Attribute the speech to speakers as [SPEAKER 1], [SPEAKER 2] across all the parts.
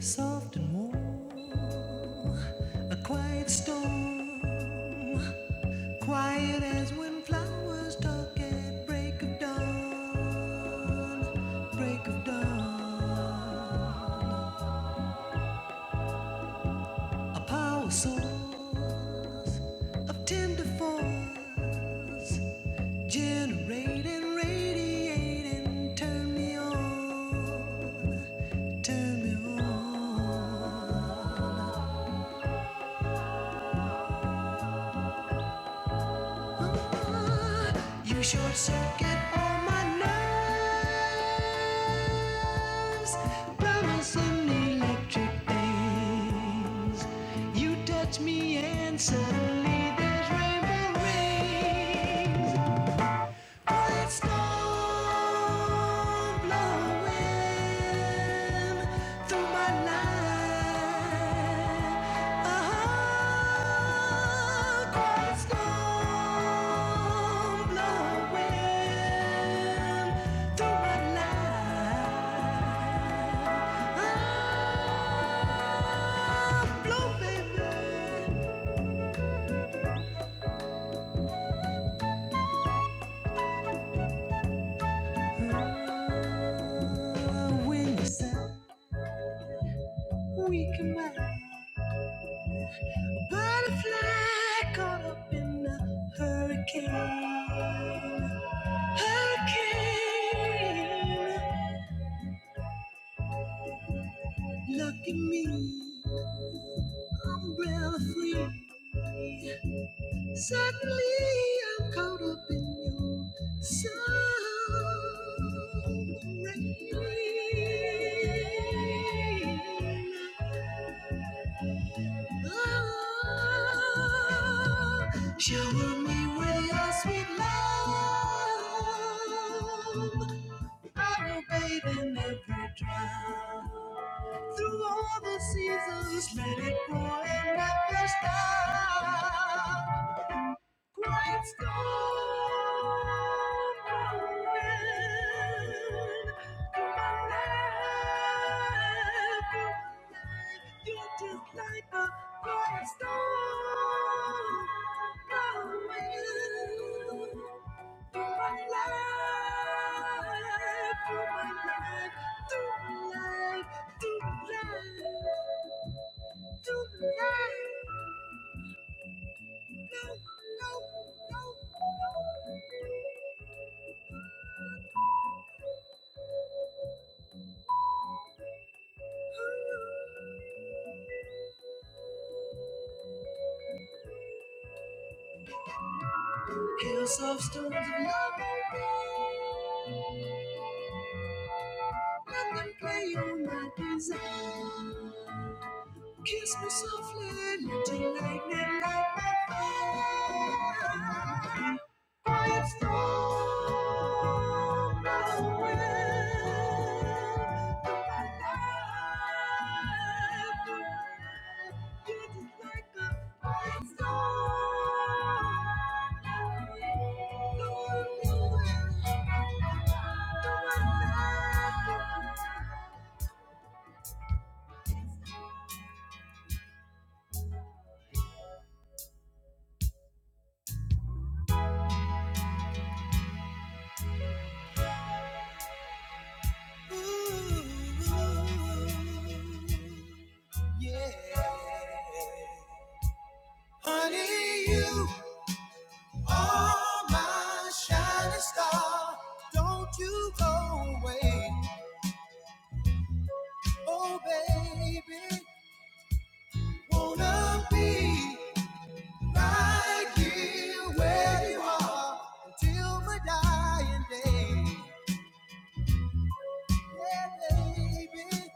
[SPEAKER 1] Soft and warm, a quiet storm, quiet as when flowers talk at break of dawn, break of dawn. A power source of tender force, generating, radiating, turn me on, turn me on. Oh, You short circuit all my nerves, promising electric things. You touch me and suddenly there's rainbow rings. It's gone blowing through my life. Oh, Christ gone blowing through my life. Oh, blow, baby. Oh, when you said we can make. Butterfly caught up in a hurricane. Hurricane. Lucky me, umbrella free. Suddenly I'm caught up in you. Sunrain. Oh, shower me with your sweet love. I will bathe in every drum. Through all the seasons, let it pour and never stop. Praise God, Manuel. Come and live, come and live. You're just like a Praise God, Manuel. Come and live, come and live. Do live, do live, do live. No, no, no. Hills of stones of love, let them play on my desire. Kiss me softly, little lightning, light my fire. Quiet storm, not a wind through my life. You're just like a quiet storm, not a wind blowing through my life. Honey, you are my shining star. Don't you go away. Oh, baby, wanna be right here where you are until my dying day. Yeah, baby,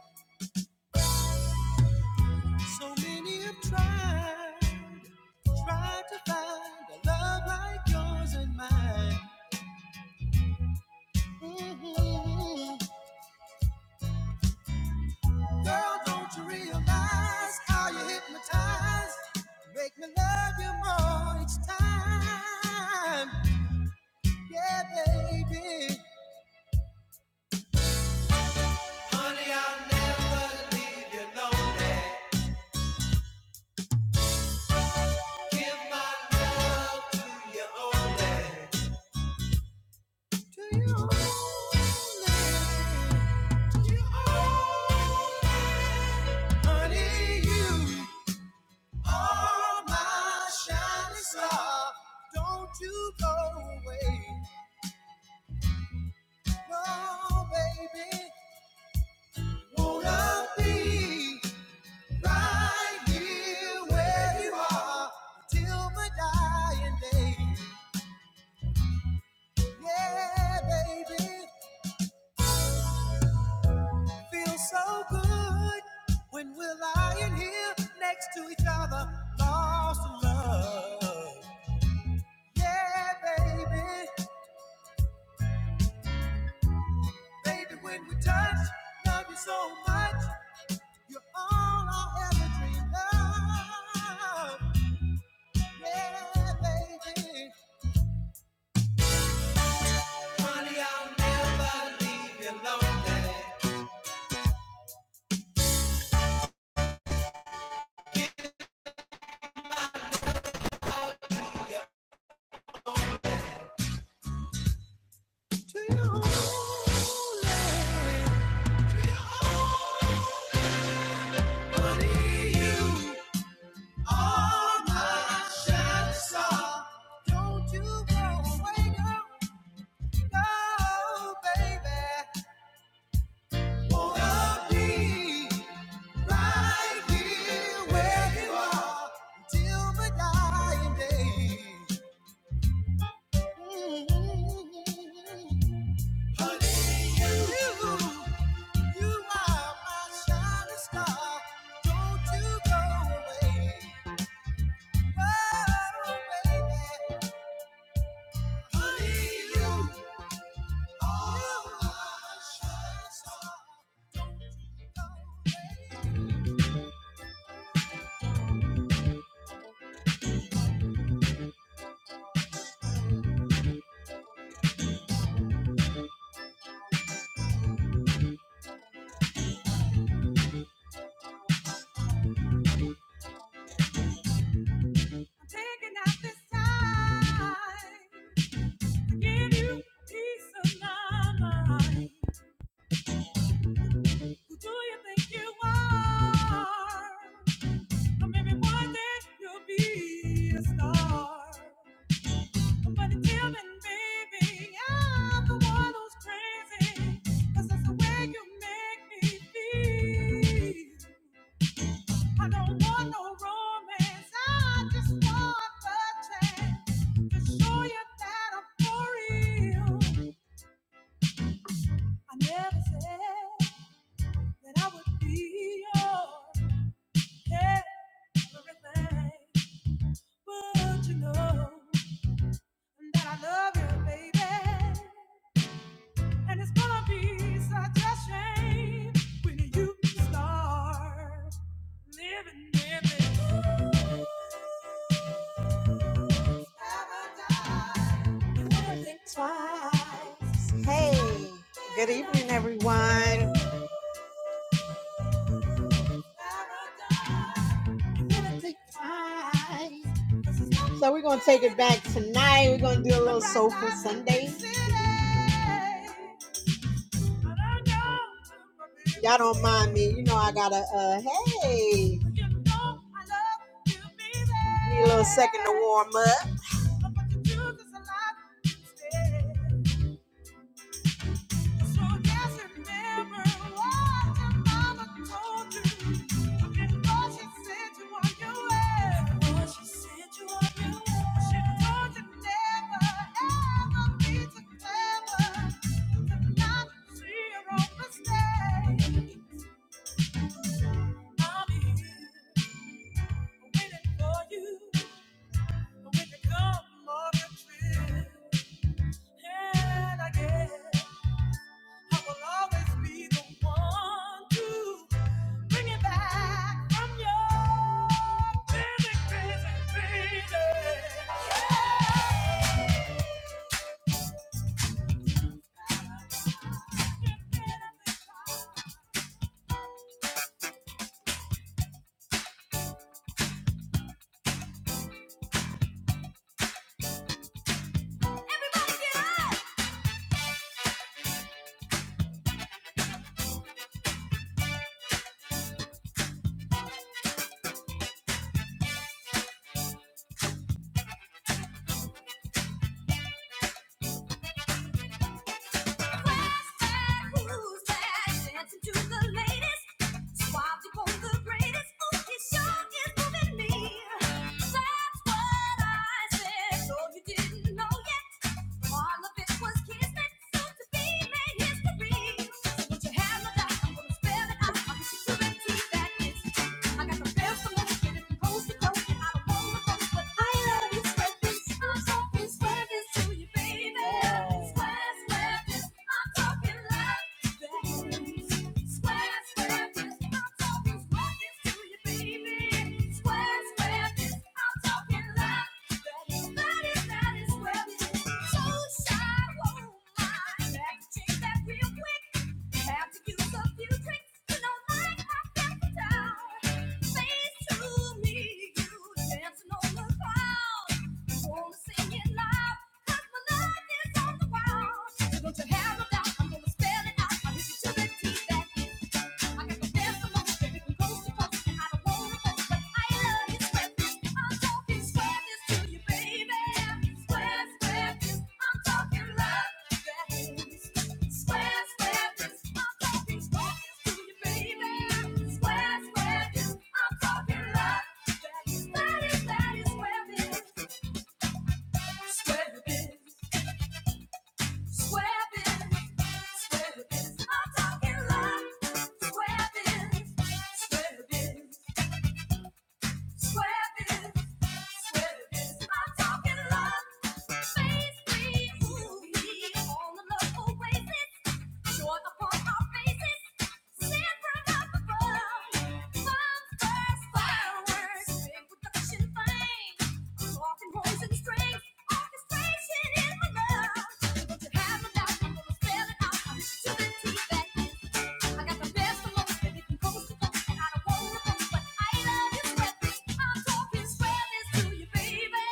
[SPEAKER 1] so many have tried. Try to find a love like yours and mine. Mhm. Girl, don't you realize how you hypnotize? Make me love you more each time. Yeah, baby. Honey, I'll never leave you lonely. Give my love to you only. To you only. To you only. Honey, you. Are my shining star. Don't you go away. No, baby. Wanna be right here where you are till my dying day. Yeah, baby. Feels so good when we're lying here next to each other, lost in love. Yeah, baby. Baby, when we touch, love you so much. You're all I ever dreamed of. Yeah, baby. Honey, I'll never leave you lonely. Too lonely. Too lonely. Honey, you are my shining star. Don't you go away, girl. No, baby. Won't I be? Right Mm. Honey, you, you are my shining star. Don't you go away. Oh, baby. Honey, you are my shining star. Don't taking out this time to give you peace of my mind. Do you think you are? Or maybe one day you'll be a star. But tell me, baby, I'm the one who's crazy. 'Cause that's the way you make me feel. I don't want no romance. I just want the chance to show you that I'm for real. I never said that I would be yours. Everything, but you know that I love you, baby, and it's gonna be such a shame when you start living different. Paradise. Never think twice. Hey, good evening, everyone. Paradise. So we're gonna take it back tonight. We're gonna do a little soulful Sunday. Y'all don't mind me. You know I gotta uh hey. Need a little second to warm up. So just remember what your mama told you before she sent you on your way. she sent you on your way. She told you never ever be too clever to not see your own mistakes. I'll here waiting for you when you come on your trip. And I guess. I will always be the one to bring it back from your crazy, crazy, crazy. Yeah. Put your hands up, I'm gonna spell it out. I wish you could repeat that. It's I got the bells from the wicked and coast to coast and out of all the coast. But I love you, spread I'm talking, spread to you, baby. Square, square I'm talking like that. Square, square I'm talking, square baby. like That is, that is square So shy, whoa, my. Back, take that real quick. Have to use a few tricks to know that i down. Face to me, you dancing on the cloud. Wanna sing my love is on the ground. Don't you have no doubt? I'm gonna spell it out. I'll hit you to the teeth back. I got the best of most, baby, from coast to coast, and I don't wanna go, but I love you, sweat this. I'm talking sweat this to you, baby. Sweat, sweat this. I'm talking love this. Sweat, sweat this. I'm talking sweat this to you, baby. Sweat, sweat this. I'm talking love this. That is, that is sweat this. Sweat this. Sweat this. Sweat this. I'm talking love. Sweat this. Sweat this. Orchestration in my love. Don't you have a doubt? I'm gonna spell it out to the T back. I got the best of looks, they get me close to close, and I don't want to lose, but I love you, sweat this. I'm talking square this to you, baby.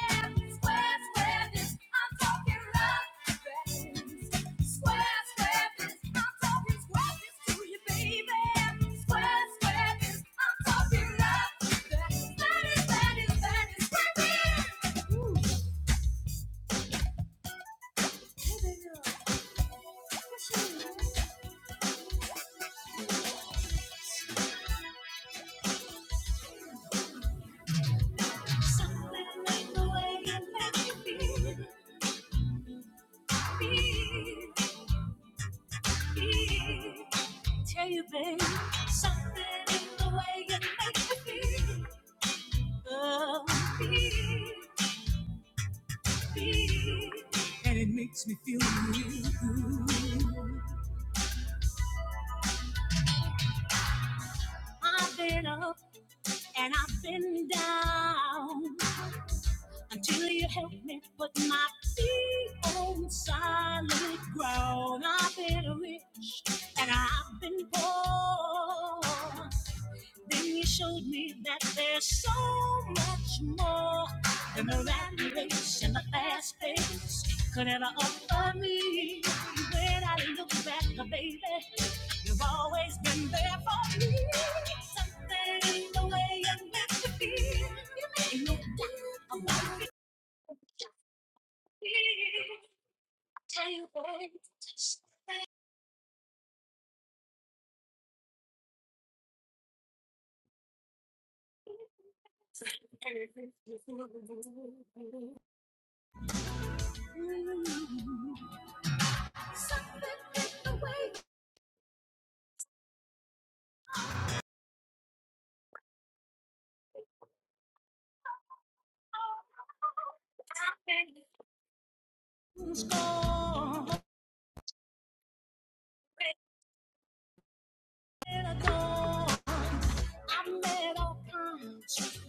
[SPEAKER 1] Square, square this. I'm talking love, this. Square, square this. I'm talking square this to you, baby. Square, square this. I'm talking love, this. That is, that is, that is square this. Ooh, hey, baby, what's your Something like the way you make me feel. Tell you, babe, something in the way you look. And it makes me feel new. I've been up and I've been down until you help me put my feet on solid ground. I've been rich and I've been poor. Then you showed me that there's so much more than the rat race and the fast pace could ever offer me. When I look back, oh, baby, you've always been there for me. Something in the way you make me feel. You make me down on my feet. Tell you what. Mm, Something in the way.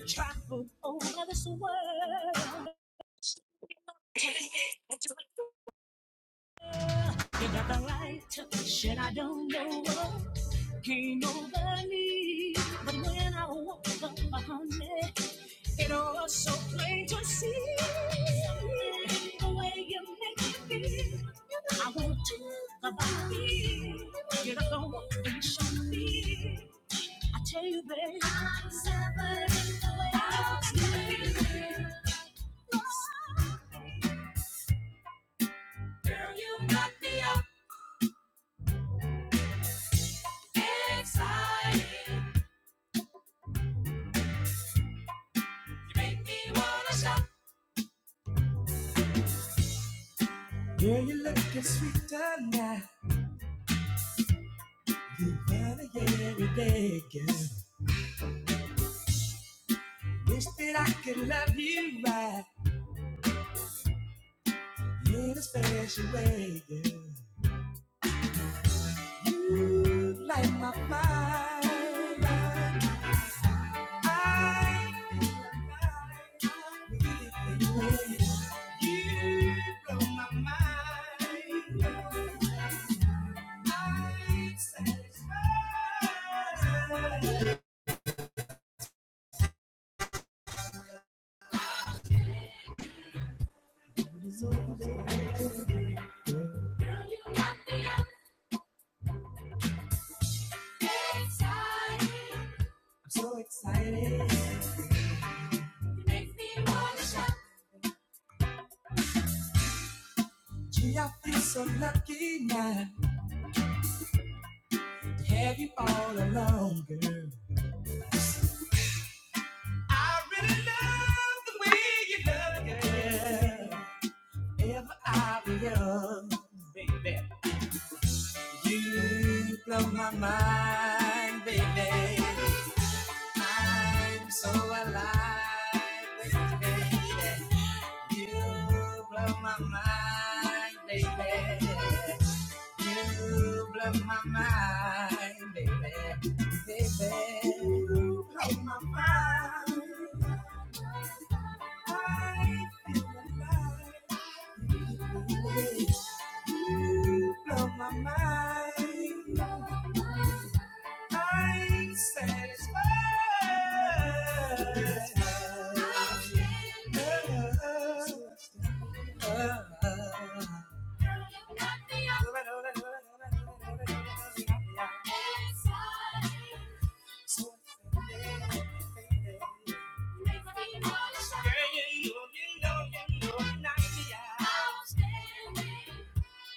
[SPEAKER 1] Travel over this world. You got the right to the shit. I don't know what came over me. But when I woke up, behind it it was so plain to see. The way you make me feel. I want to the body. You're the one that show me. I tell you, babe. I'm suffering the way I was feeling. Girl, you got me up excited. You make me wanna shout. Girl, you looking sweeter now than any other day, girl. Wish that I could love you right in a special way, girl. You light my fire. So excited, makes me wanna shout. Gee, I feel so lucky now to have you all alone, girl. I really love the way you love, it, girl. If I were young, baby, you blow my mind, baby. I'm so alive, with you, baby. You blow my mind, baby. You blow my mind, baby. Baby, you blow my mind. I feel alive. You blow my mind. I'm satisfied.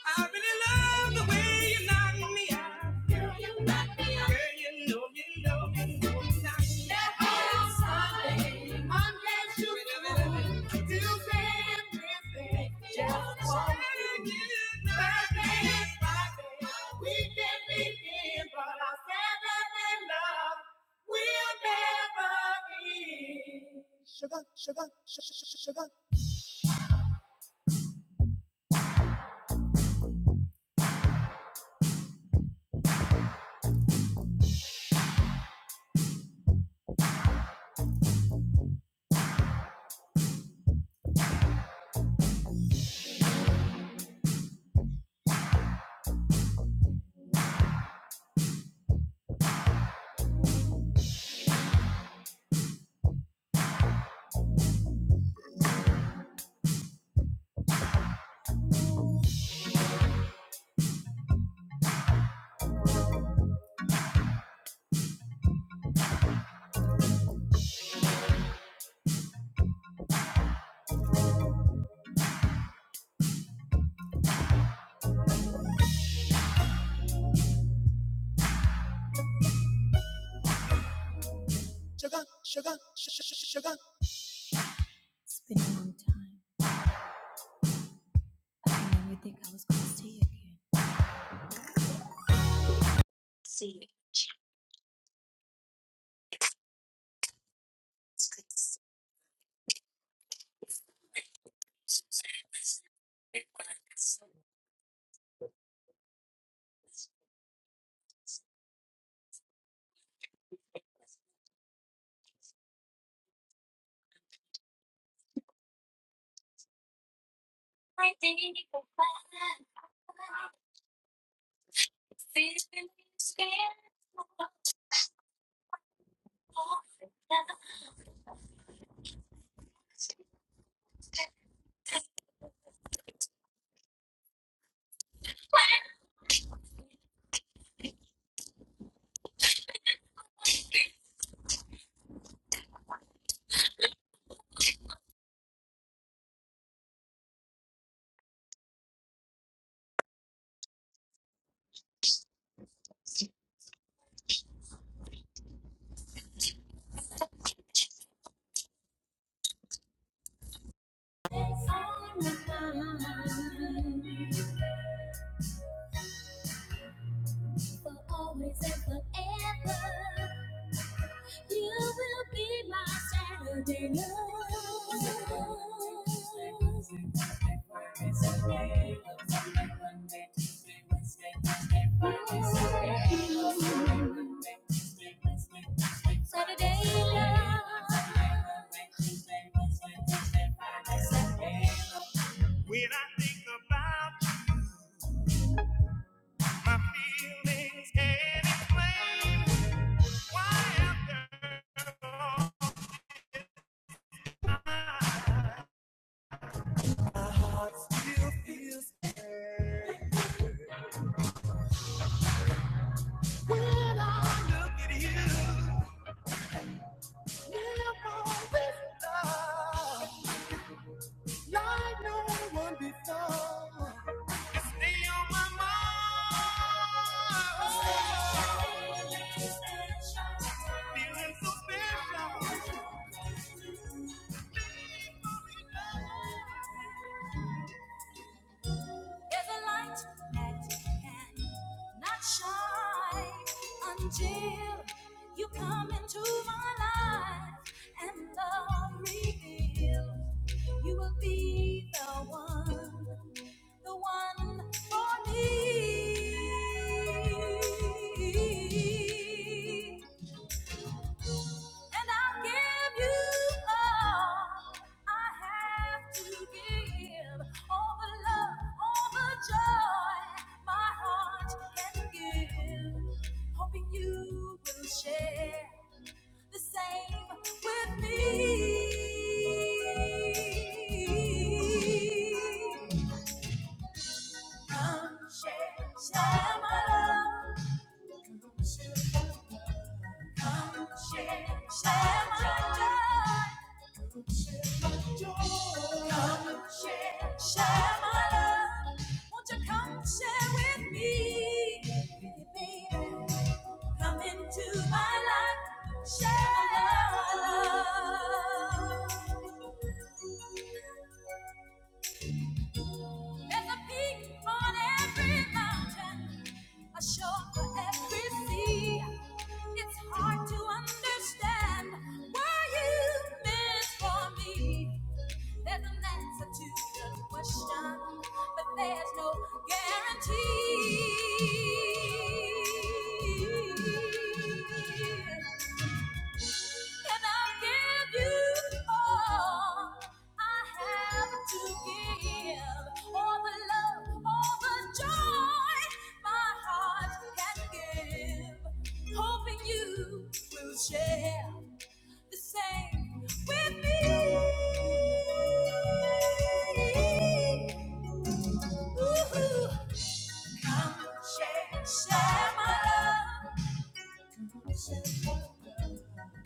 [SPEAKER 1] I really love the way you knock me out. Girl, you knock me out. Girl, you know, you know, you know, you knock me out. That is Sunday, Monday, Tuesday, Tuesday, Wednesday. Just one. Thursday, Friday, weekend, weekend, but our Saturday love will never end. Sugar, sugar, sugar, sugar. It's been a long time. I never think I was gonna see you again. See, she's got the look. I think we're in love. This feeling's killing me. But I know that we're gonna be alright. We're always, ever, ever. You will be my Saturday love. Saturday love. When I think about my feelings and explain why I'm there all night. There's a light that cannot shine until you come into my life and love reveal. You will be the one, the one for me. And I'll give you all I have to give. All the love, all the joy my heart can give. Hoping you will share the same with me. Come share, share my love. Come share, share my joy. Come share, share my love. Won't you come share with me, baby? Come into my life, share my love. There's a peak on every mountain, a shore for every sea. It's hard to understand why you meant for me. There's an answer to the question, but there's no guarantee. And I give you all I have to give. All the love, all the joy my heart can give. Hoping you will share the same with me. Ooh. Come share, share my love.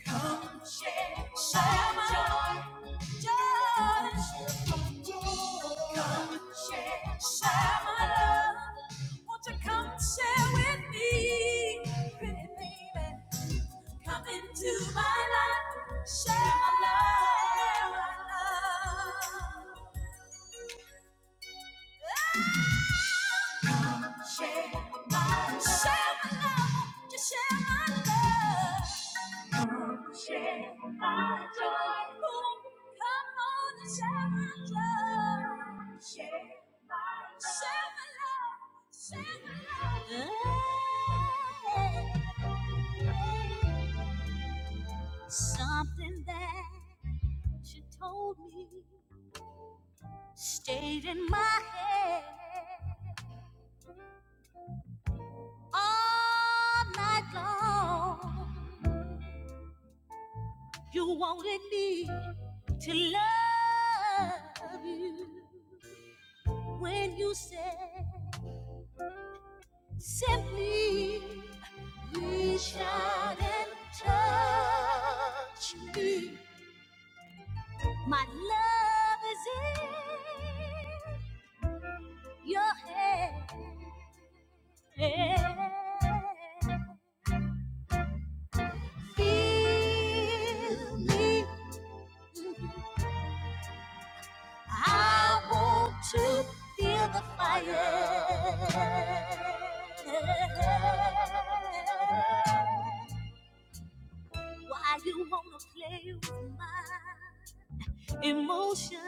[SPEAKER 1] Come share my joy, joy. Come share, share my love. Won't you come share with me, pretty baby? Come into my life, share my love. Share my love. Share my love. Share my love. Just share my love. Come share my joy. Oh, come on and share my love. Share, share my love. Share my love. Something that you told me stayed in my head. all night long. You wanted me to love you when you said simply reach out and touch me. My love is in your hand. Feel me I want to feel the fire. Why you wanna play with my emotions?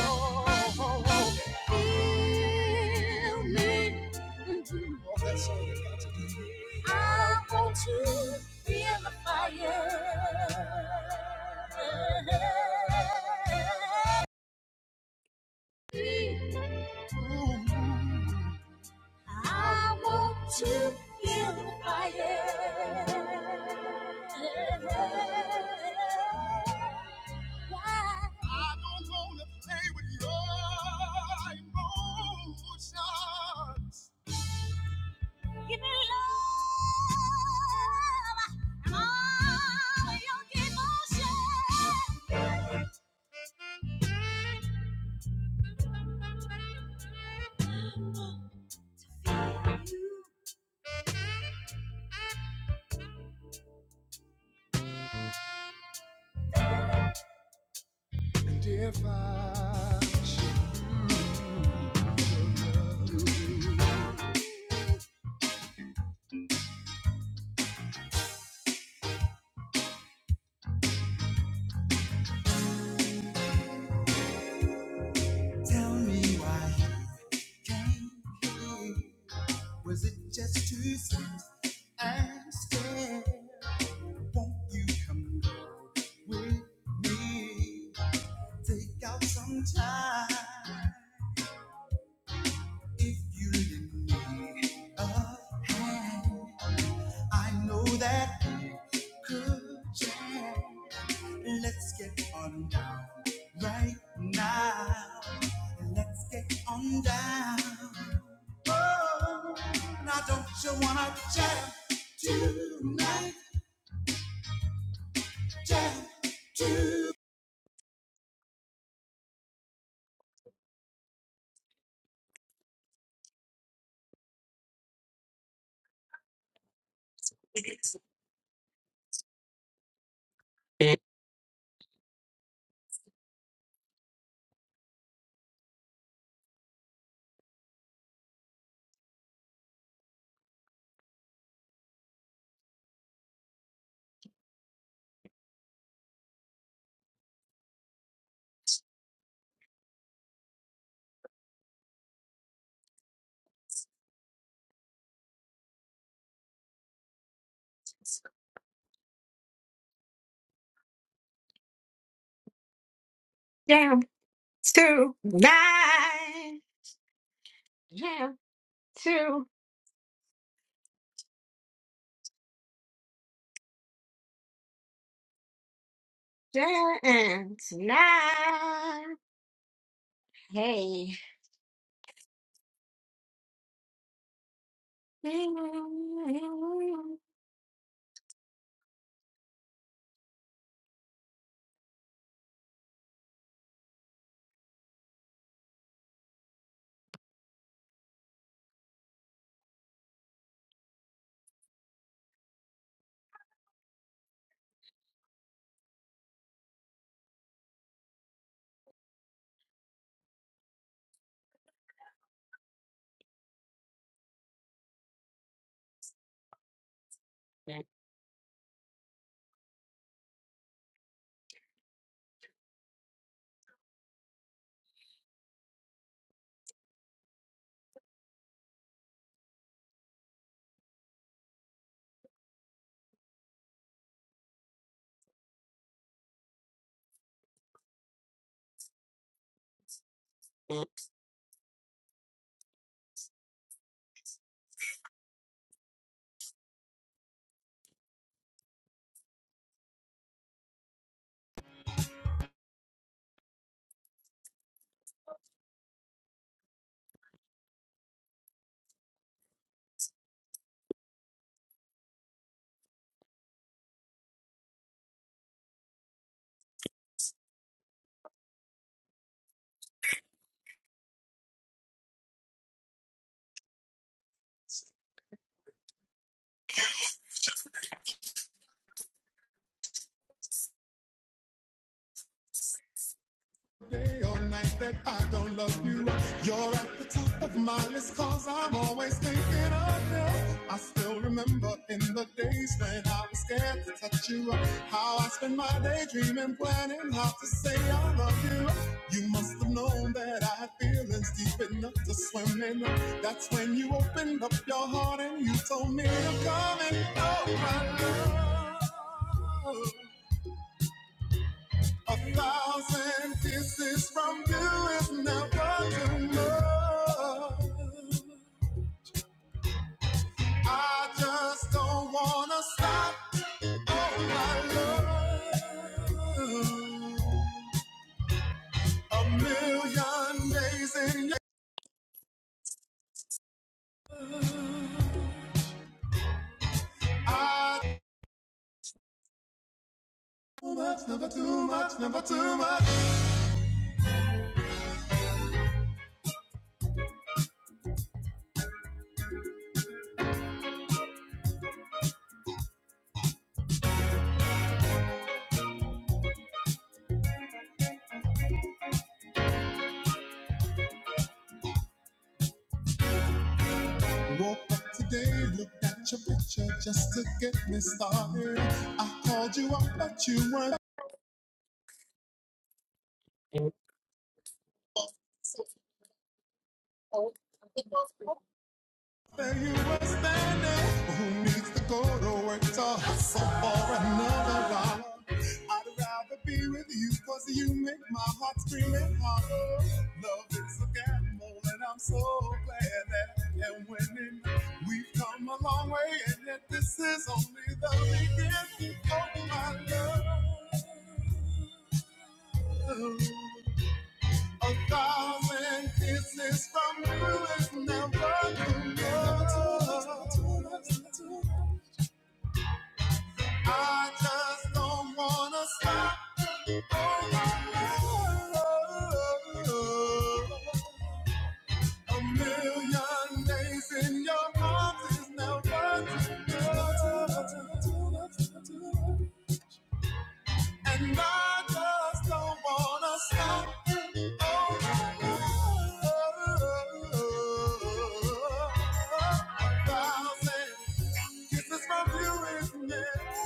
[SPEAKER 1] I want to feel the fire. I want to feel the fire. Why? don't wanna play with your emotions. Tell me why you came here. Was it just too sweet and scared? Won't you come with me? Take out some time if you lend me a hand. I know that we could change. Let's get on down right now. Let's get on down. Oh, now don't you wanna jam tonight? Jam tonight. Jam tonight. nine. Jam to jam to Hey. Day or night that I don't love you. You're at the top of my list cause I'm always thinking of you. I still remember in the days when I was scared to touch you. How I spent my day dreaming, planning how to say I love you. You must have known that I had feelings deep enough to swim in. That's when you opened up your heart and you told me to come and oh my love. A thousand kisses from you is never too much. I just don't wanna stop on my love. A million days in your I too much, never too much, never too much. Woke up today, looked at your picture just to get me started. I called you up, but you weren't. There you were standing. Who needs to go to work to hustle for another dollar? I'd rather be with you because you make my heart scream and holler. Love is a gamble, and I'm so glad that and winning. We've come a long way, and yet this is only the beginning. Oh, my love. A thousand kisses from you is never enough. I just don't wanna stop. Oh, my love. A million days in your arms is never enough. And I just don't wanna stop. Oh, oh, oh, oh, oh. a thousand kisses from you is meant.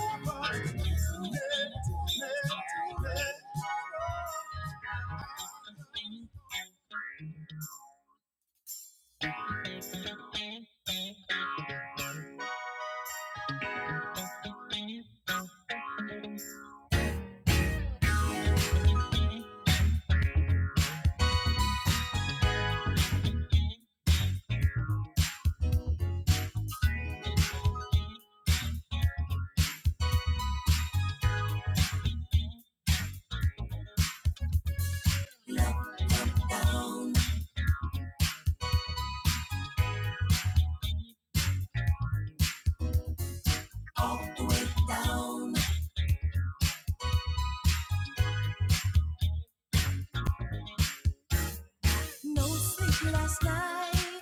[SPEAKER 1] No sleep last night,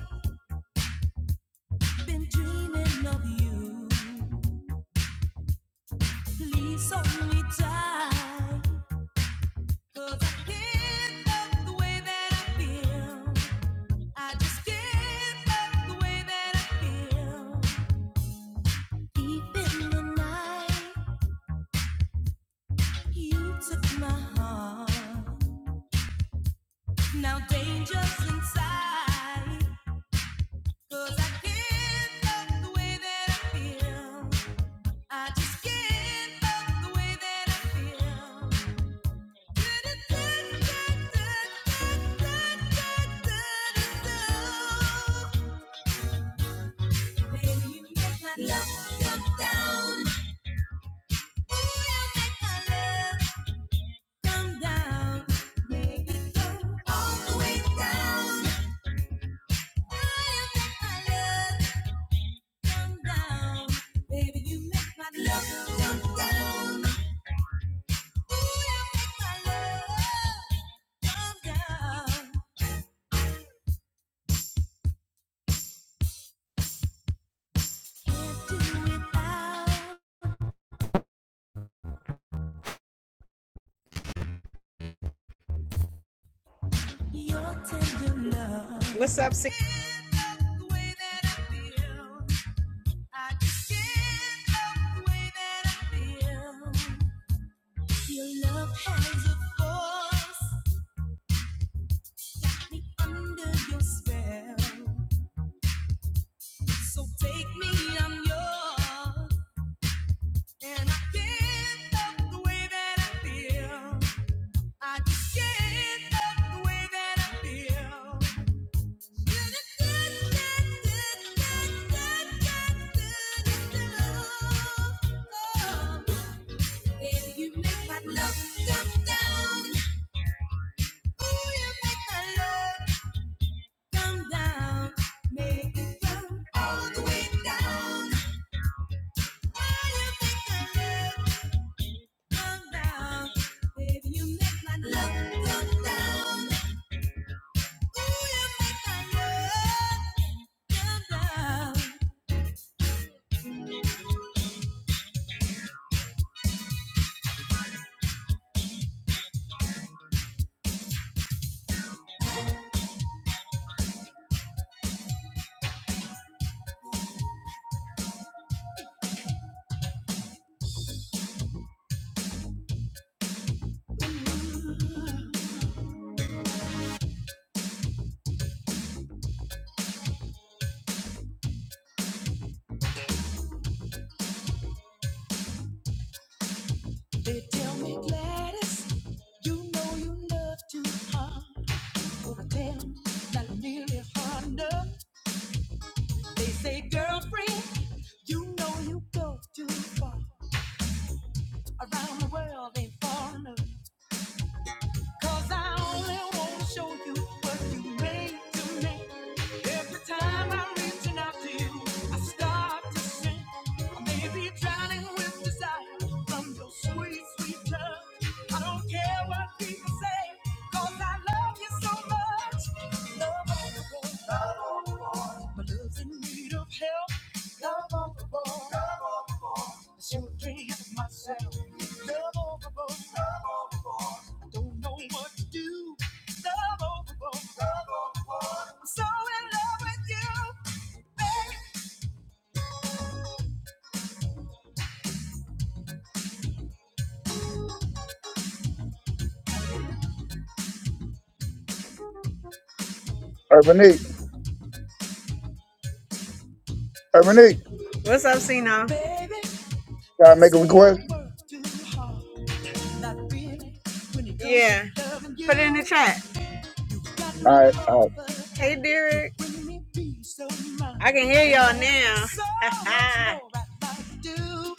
[SPEAKER 1] been dreaming of you. Please hold me tight, 'cause I can't love the way that I feel. I just can't love the way that I feel. Deep in the night. You took my heart. Now danger's inside. I can't love the way that I feel. I just can't love the way that I feel. Baby, you make my love come down. Ooh, you make my love come down, come down. Baby, you make my love come down. Ooh, you make my love come down. What's up, six? Down. They tell me, Gladys, you know you love too hard. But I tell 'em, not nearly hard enough. They say, girlfriend, you know you go too far. Around the world ain't far enough. Cause I only want to show you what you made to me. Every time I'm reaching out to you, I start to sing. I may be drowning with desire from your sweet, sweet touch. I don't care what people say, cause I love you so much. Love on the board, love on the board. My love's in need of help. Love on the board, love on the board. I sure dream of myself. Love on the board, love on the board. I don't know what to do. Love on the board, love on the board. I'm so in love with
[SPEAKER 2] Urbanique, Urbanique,
[SPEAKER 1] you. What's up, Sino? Baby,
[SPEAKER 2] can I
[SPEAKER 1] they
[SPEAKER 2] make a
[SPEAKER 1] say I
[SPEAKER 2] request?
[SPEAKER 1] work too hard. Not really. yeah. Put it in the chat.
[SPEAKER 2] All right, all
[SPEAKER 1] Hey, Derek. I can hear y'all now.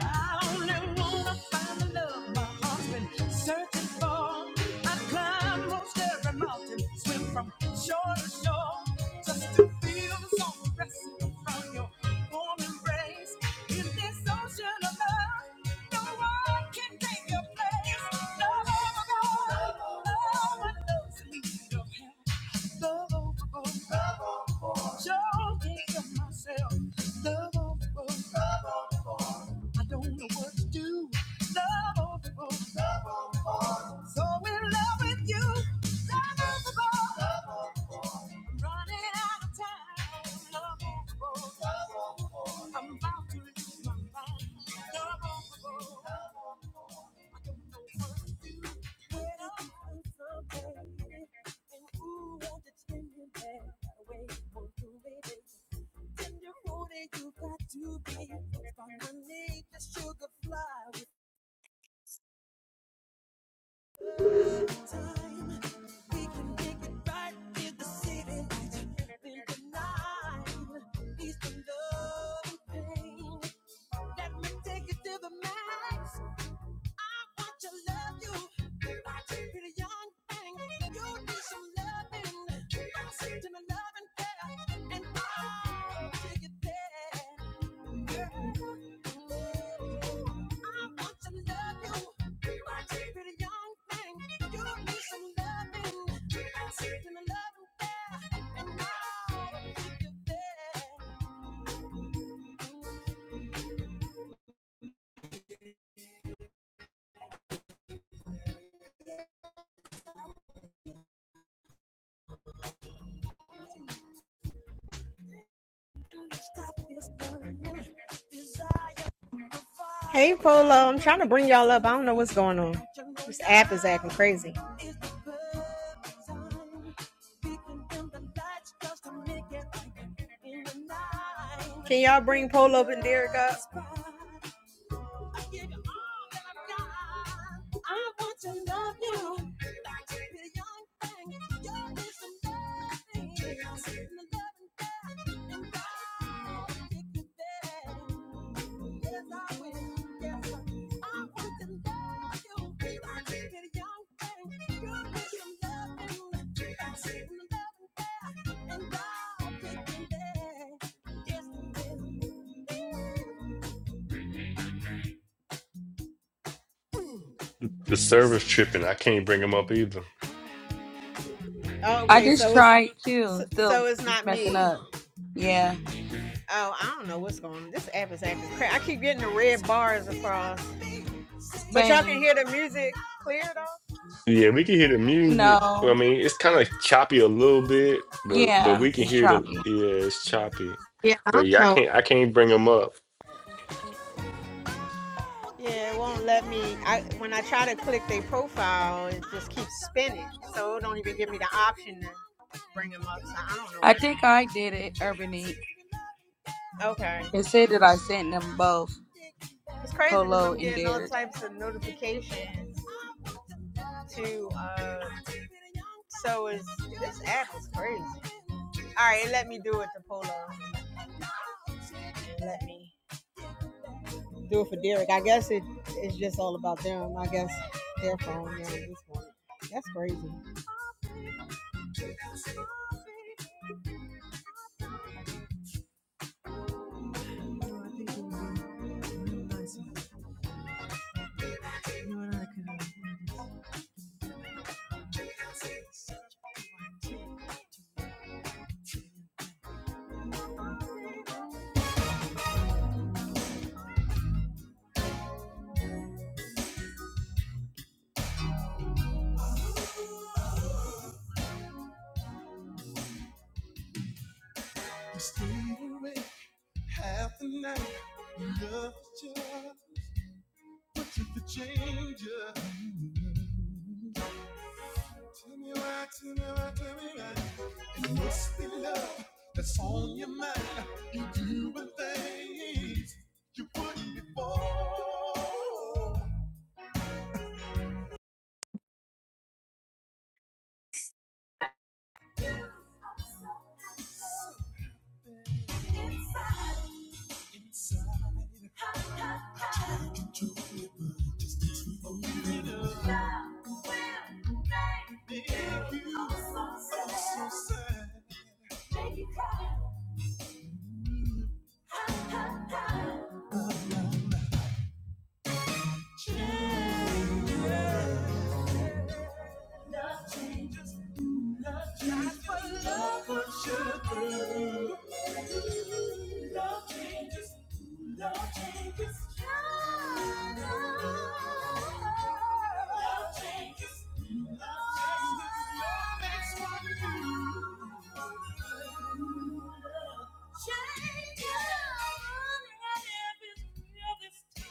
[SPEAKER 1] I only wanna find the love my heart's been searching for. I climb most every mountain, swim from shore to shore, just to feel the song resting from your warm embrace. In this ocean of love, no one can take your place. Love overboard, no one knows the need of help. Love overboard, love overboard, sure can't help myself. Love overboard. love overboard. I don't know what to do. Love all people. Love all people. So in love with you. Love all people. Love all I'm running out of time. Lovable. I'm about to lose my mind. Lovable. I don't know what to do. When I'm something. And who wants to change me that way? Won't do it. Tender road, you got to be. From the need, the sugar fly. We can make it right in the city lights. tonight, peace and love and Let me take you to the max. I want to love you. Pretty young thing, you need some loving. Send me loving and I'll take it there. Hey Polo, I'm trying to bring y'all up. I don't know what's going on. This app is acting crazy. Can y'all bring Polo and Derek up? Yes, Yes,
[SPEAKER 3] The server's tripping. I can't bring him up either.
[SPEAKER 4] I
[SPEAKER 1] Okay,
[SPEAKER 4] just
[SPEAKER 1] so it's
[SPEAKER 4] tried
[SPEAKER 1] so,
[SPEAKER 4] too. Still
[SPEAKER 1] so it's
[SPEAKER 4] it's
[SPEAKER 1] not
[SPEAKER 4] messing up.
[SPEAKER 1] me.
[SPEAKER 4] Yeah.
[SPEAKER 1] Oh, I don't know what's going on. This app is acting crap. I keep getting the red bars across. But y'all can
[SPEAKER 4] Same.
[SPEAKER 1] hear the music clear though?
[SPEAKER 3] Yeah, we can hear the music. Well, I
[SPEAKER 4] No.
[SPEAKER 3] mean, it's kind of choppy a little bit, but but
[SPEAKER 4] Yeah.
[SPEAKER 3] we can
[SPEAKER 4] It's
[SPEAKER 3] hear the
[SPEAKER 4] choppy.
[SPEAKER 3] yeah, it's choppy.
[SPEAKER 1] Yeah, I
[SPEAKER 3] But
[SPEAKER 1] don't
[SPEAKER 3] yeah, I
[SPEAKER 1] know.
[SPEAKER 3] can't I can't bring him up.
[SPEAKER 1] Yeah, it won't let me. I when I try to click their profile, it just keeps spinning. So it don't even give me the option to bring them up. So I don't know
[SPEAKER 4] I
[SPEAKER 1] what's going
[SPEAKER 4] think I did it, Urbanique.
[SPEAKER 1] on. Okay,
[SPEAKER 4] It said that I sent them both,
[SPEAKER 1] it's crazy because
[SPEAKER 4] Polo
[SPEAKER 1] I'm
[SPEAKER 4] and
[SPEAKER 1] getting all
[SPEAKER 4] Derek.
[SPEAKER 1] types of notifications. To uh, so is this app is crazy. All right, it let me do it to Polo. It let me do it for Derek. I guess it it's just all about them. I guess their phone yeah, at this point. That's crazy. Oh, I think it would be really nice. You and I could have to stay awake half the night. Love is yours. What if it changes? Tell me why, tell me why, tell me why. It must be love that's on your mind. You doing things you wouldn't before. Something inside control it, but just takes me over. I'm so sad. Love changes. Love changes. That's what love will should do. Love changes. Love changes. Love changes. Love makes one new. Changes. Every real this so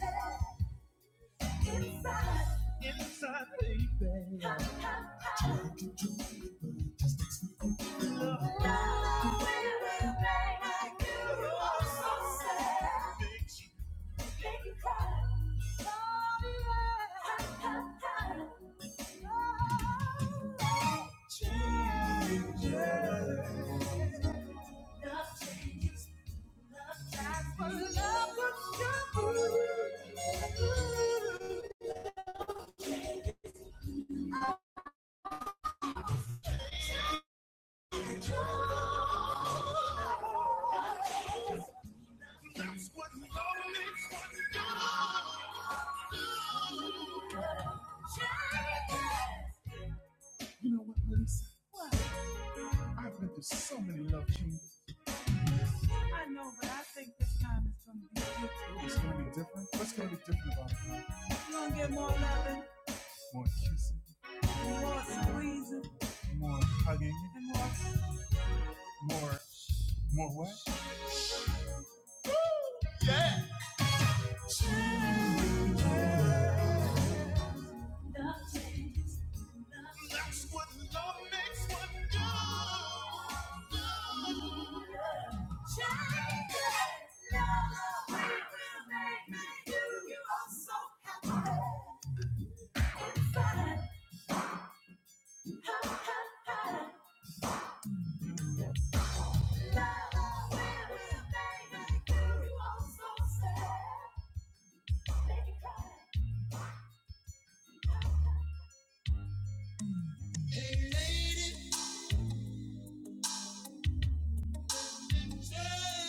[SPEAKER 1] happy. Inside, inside, baby. I know it will make I knew you are so sad. Makes you make you cry. Sorry, I- I- Changes. Love changes. Love dies, but love will never. You know what, Melissa? What? I know, but I think this time it's gonna be different. It's gonna be different. What's gonna be different about it? You gonna get more loving, More kissing, more squeezing, more hugging, and more. more, more what? Tell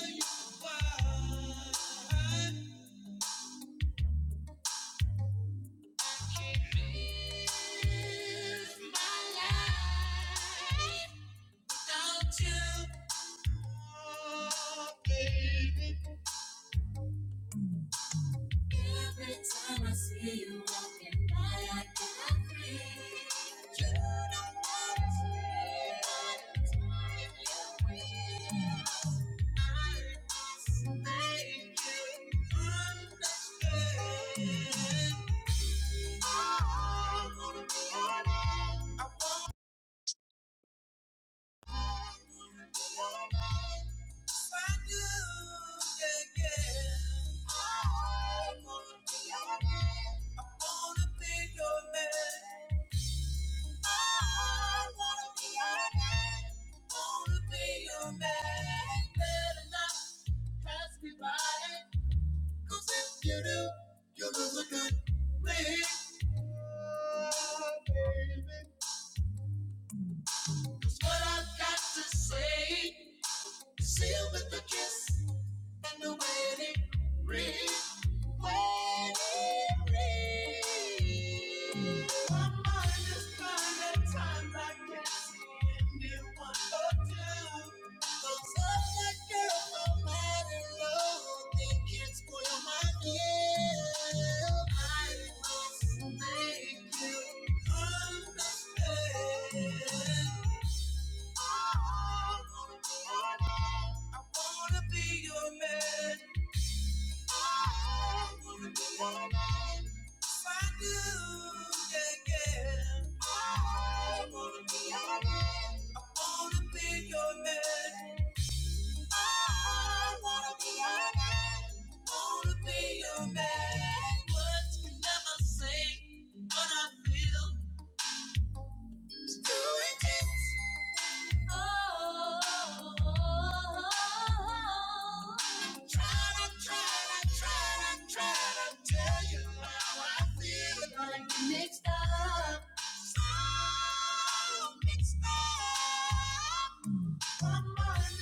[SPEAKER 1] you why. I I wanna be your man. I wanna be your You do, you do a good thing, baby. 'Cause what I've got to say, seal with a kiss. And the way it reads, when it reads. My mind is blind at times, I can't see anyone but you. Those other girls are mad and low, they can't spoil my deal. I must make you understand. I wanna be your man. I wanna be your man. If I do, yeah, yeah. I wanna be your man. I wanna be your man. I wanna be your man. Wanna be your man. Words can never say what I feel. It's too intense. Mixed up, so mixed up. One more time, times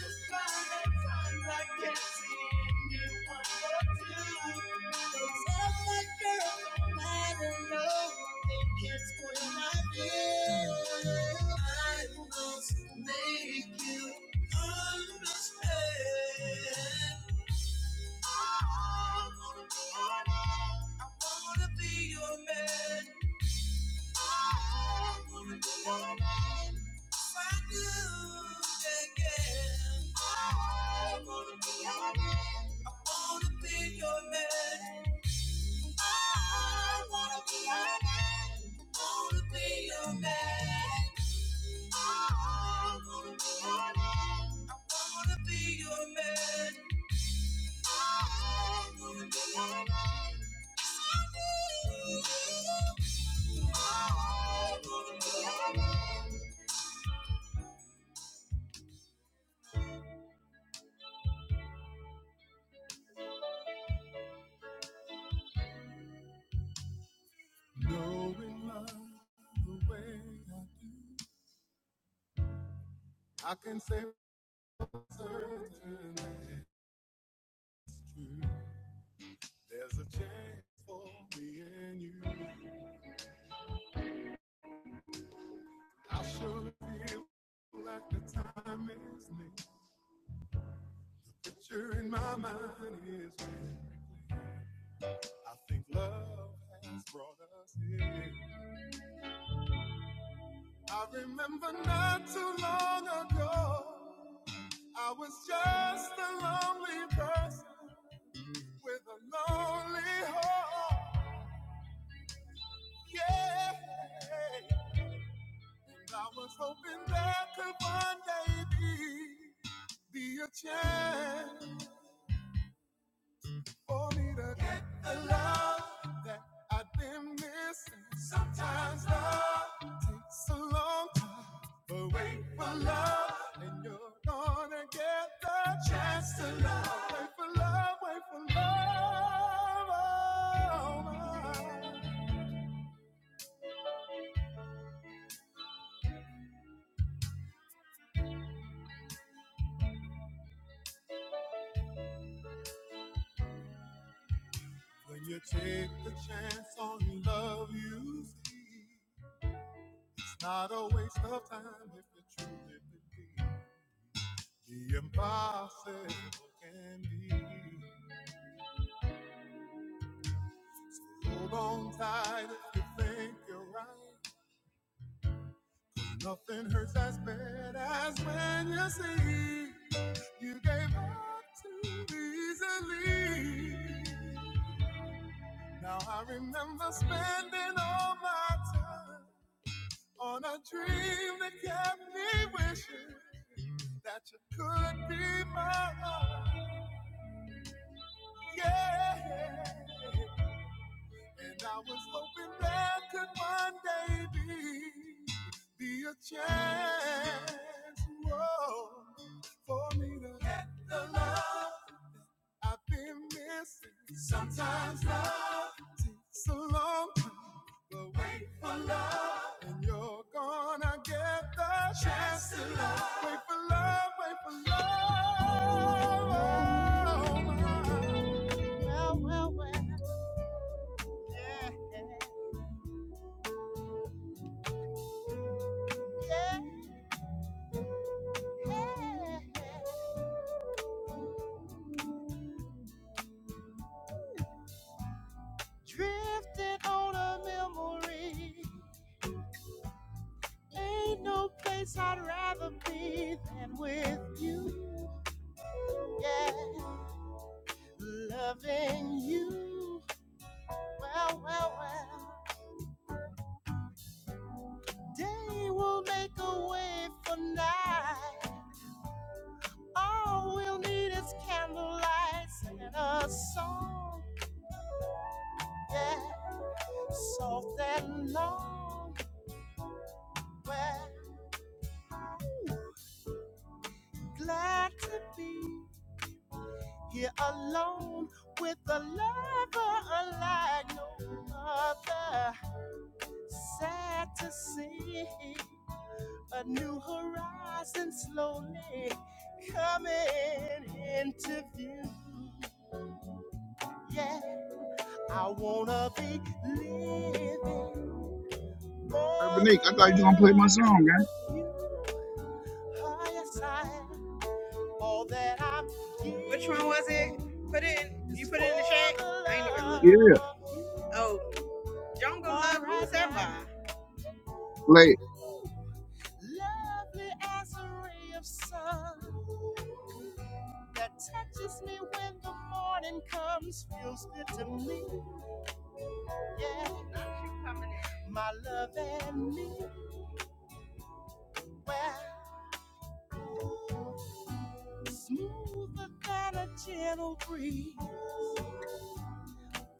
[SPEAKER 1] I can't see you one more two. Those other girls don't matter, no. They can't spoil my view. I must make you understand. I wanna be your man. I wanna be your man. I wanna be your man. Knowing love the way I do, I can say certain it's true. There's a chance for me and you. I surely feel like the time is near. Picture in my mind is very clear. I think love has brought us here. I remember not too long ago. I was just a lonely person with a lonely heart. Yeah. And I was hoping there could one day be, be a chance for me to get the love that I've been missing. Sometimes love takes a long time, but wait for love, and you're gonna get the chance to love. Wait for love, wait for love. oh, When you take the chance on love, you see. Not a waste of time if you truly believe the impossible can be. Hold on tight if you think you're right. Nothing hurts as bad as when you see you gave up too easily. Now I remember spending all my time on a dream that kept me wishing that you could be mine. Yeah. And I was hoping there could one day be, be a chance whoa, for me to get the love I've been missing. Sometimes love takes a long time to wait for love. And you're gonna get the chance to love. Wait for love, wait for love. Oh, my. Well, well, well. yeah, yeah. yeah. Drifting on a memory. Ain't no place I'd rather be than with you. Yeah, loving you. Well, well, well. Day will make a way for night. All we'll need is candlelight and a song. Yeah, soft and long. We're glad to be. Here alone with a lover unlike no other. Sad to see a new horizon slowly coming into view. Yeah, I wanna be living
[SPEAKER 2] right.
[SPEAKER 1] for
[SPEAKER 2] Urbanique, I
[SPEAKER 1] the
[SPEAKER 2] thought you were gonna play my
[SPEAKER 1] love
[SPEAKER 2] song, man.
[SPEAKER 1] of you are. Yes, I all that I Which one was it? Put it in. You put it in the chat. I ain't even
[SPEAKER 2] Yeah,
[SPEAKER 1] look. Oh, Jungle Love right Rules now.
[SPEAKER 2] play. it.
[SPEAKER 1] Lovely as a ray of sun that touches me when the morning comes. Feels good to me, yeah. My love and me, well, ooh, smoother than a gentle breeze.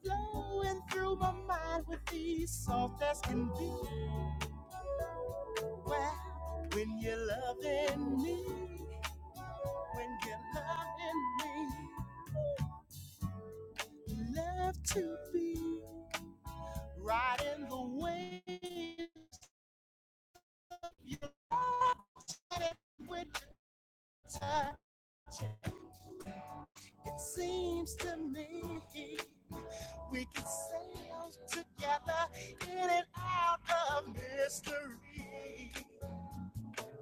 [SPEAKER 1] Flowing through my mind with ease, soft as can be. Well, when you're loving me, when you're loving me. Love to be right in the waves of your love with your touch. It seems to me we can sail together in and out of mystery.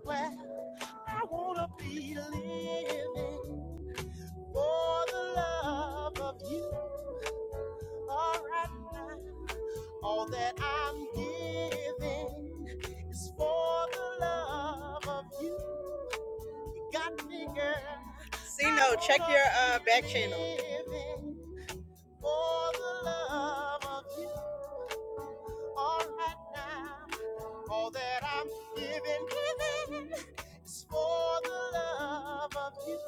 [SPEAKER 1] Well, I wanna be living for the love of you. All right now, all that I'm giving is for the love of you. You got me, girl. See, no, check your uh, back channel. For the love of you, all right now, all that I'm giving, giving is for the love of you.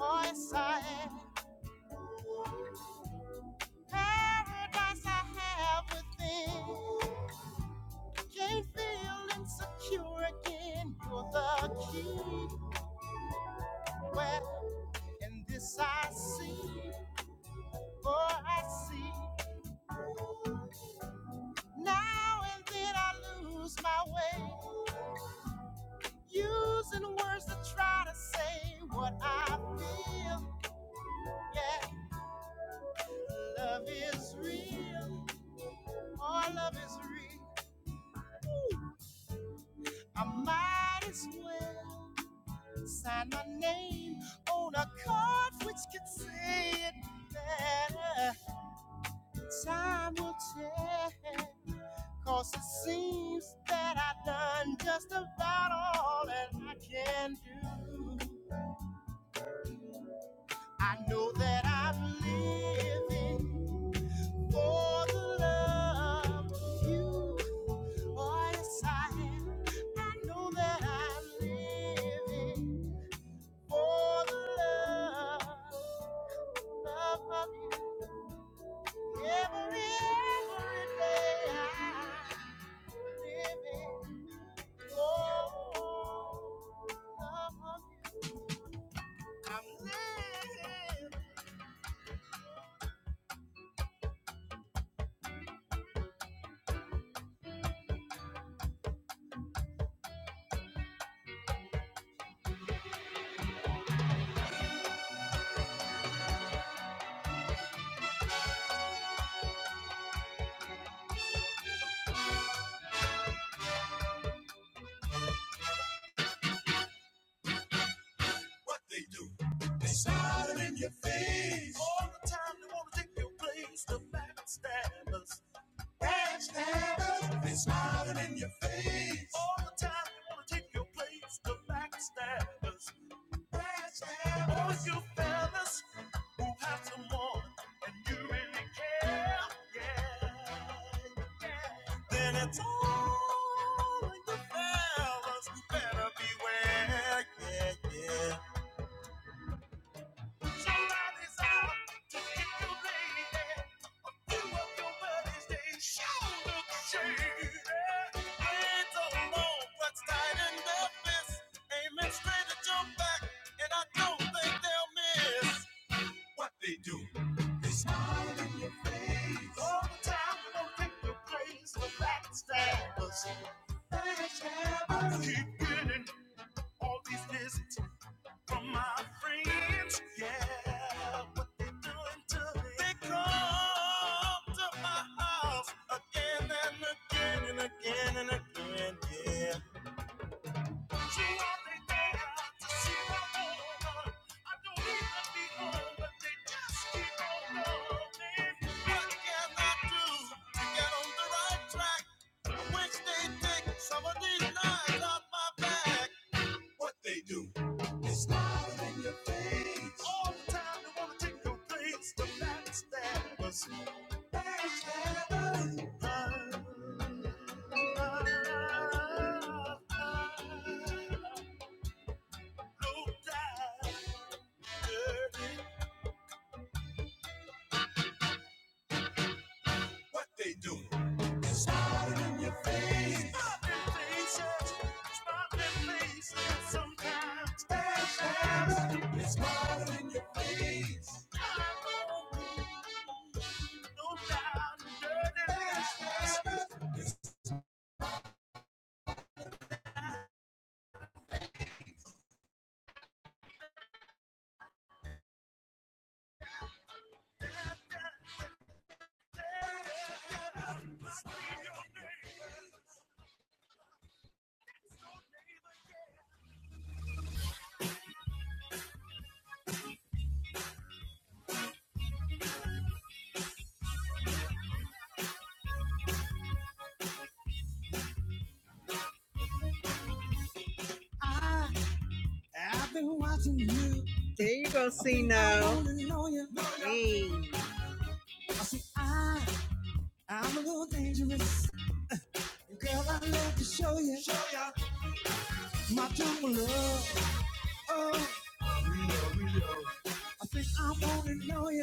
[SPEAKER 1] Oh, yes, I am paradise I have within. Can't feel insecure again. You're the key. Well, in this I see, oh, I see. Now and then I lose my way, using words to try to say what I feel. Yeah, love is real. Oh, love is real. I might as well. Sign my name on a card which can say it better. Time will tell. Cause it seems that I've done just about all that I can do. I know that I'm living for the love of you. Oh, yes, I am. I know that I'm living for the love. love of you every, every day I live in. Oh, love of you. I'm living. What they do? They started in your face. All the time they want to take your place. The backstabbers. Backstabbers. They smiling in your face. All the time they want to take your place. The backstabbers. All you fellas who have some more and you really care, yeah, yeah. Then it's all you fellas who better beware, yeah, yeah. Somebody's out to get you, lady. yeah. A few of your buddies, they sure look shady. I don't know tight in their fists. Aiming straight at your back, and I don't think they'll miss. What they do, they smile in your face. All the time, don't think the praise for backstabbers. Backstabbers keep winning all these lists from my friends. Yeah, what they doing to me? They come to my house again and again and again and again. Yeah. So are they there to see what goes on? I don't need to be home, but they just keep on going. What can I do to get on the right track? I wish they'd take some of these knives off my back what they do. They smile in your face all the time. They wanna take your place. The backstabbers, backstabbers, Ah, dirty. what they do. They smile in your face. Faces, smiling faces. Sometimes backstabbers, they smile in your face. I, I've been watching you. There you go, see now. Hey. I see, I I'm a little dangerous. and Girl, I love to show you. Show ya. My jungle love. Oh, think I wanna know ya.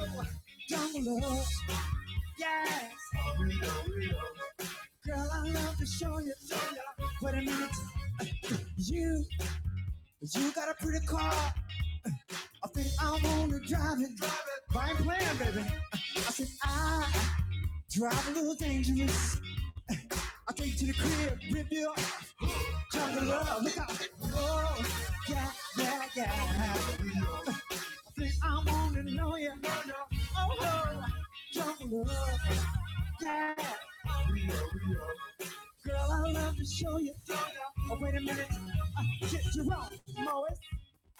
[SPEAKER 1] Oh, jungle. Girl, I love to show you. Show ya. It's you. Yeah. I baby. Drive a little dangerous. I take you to the crib. Rip you up. Jungle love. Look out. Oh, yeah, yeah, yeah. I think I wanna know ya. Oh, jungle love. Yeah. Girl, I love to show you. Oh, wait a minute. Uh, shit, Jerome, Morris,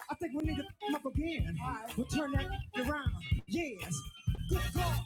[SPEAKER 1] I think we need to come up again. We'll turn that around. Yes. Good God,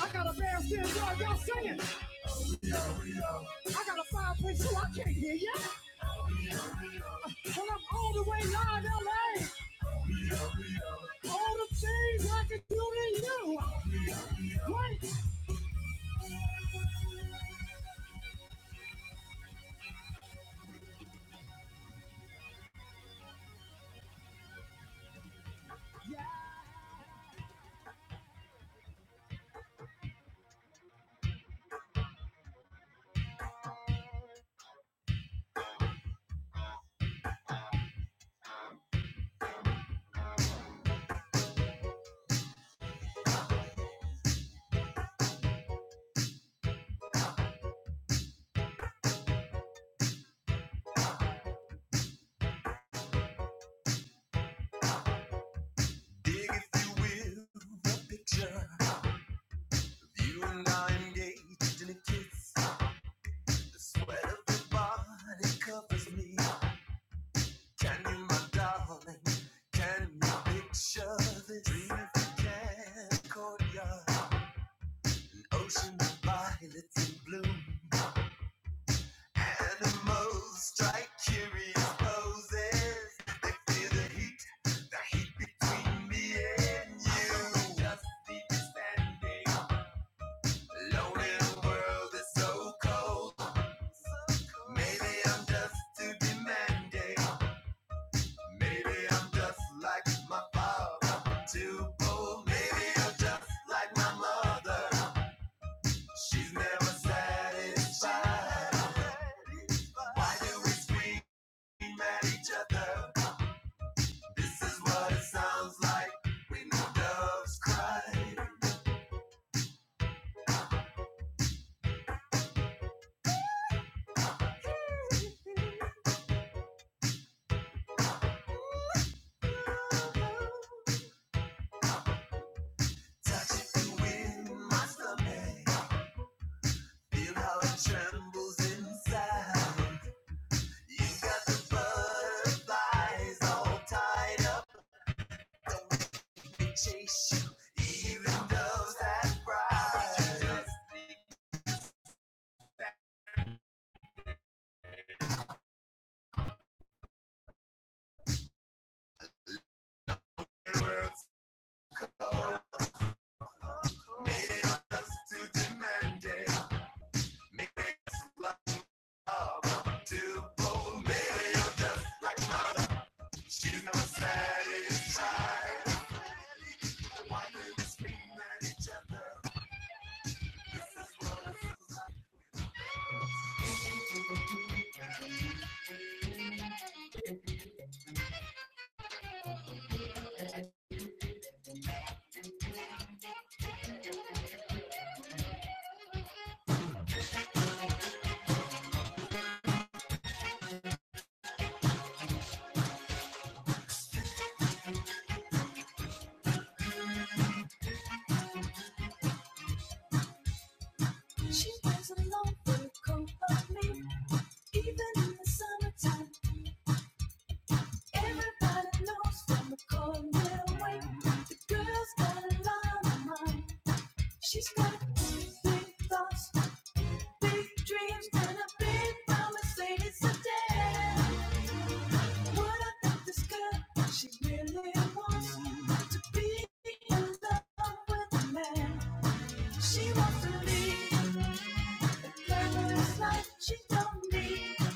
[SPEAKER 1] I got a bandstand joy, y'all singing. I got a 5.2, I can't hear ya. Well, I'm all the way live, LA. All the things I can do to you. Wait. Dig, if you will, the picture. You and I engaged in a kiss. The sweat of your body covers me. Can you, my darling? Can you picture this dreamland courtyard? An ocean of violets in bloom. Animals strike curious poses. They feel the heat, the heat between me and you. Just keep standing alone in a world that's so cold. Maybe I'm just too demanding. Maybe I'm just like my father. I'm too old. Maybe I'm just like my mother. She's never satisfied. Why do we scream at each other? This is what it sounds like when the doves cry. Touch it and win my stomach. Feel how it trembles inside. You got the butterflies all tied up. Don't make me chase you. words made us to demand it. Makes love to bold Mary just she's not She wears a long coat of me, even in the summertime. Everybody knows from a cold little way. The girl's got a lot of mind. She's got big thoughts, big dreams, and a big promise. Ladies, today. What about this girl? She really wants to be in love with a man. She wants to lead a glamorous She don't need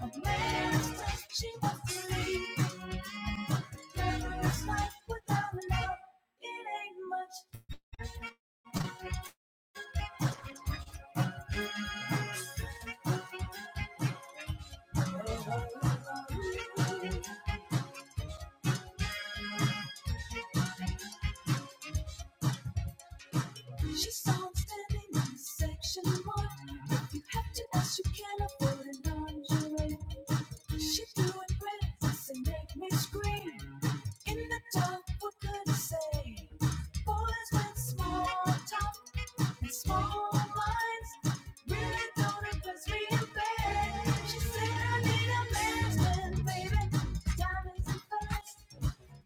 [SPEAKER 1] a man's touch. She wants to lead a glamorous life without love. It ain't much. She saw him standing in section mark. you have to ask, you can afford an lingerie. She threw a and make me scream. In the dark, what could I say? Boys with small talk and small minds really don't impress me in bed. She said I need a man's man, baby. Diamonds and pearls,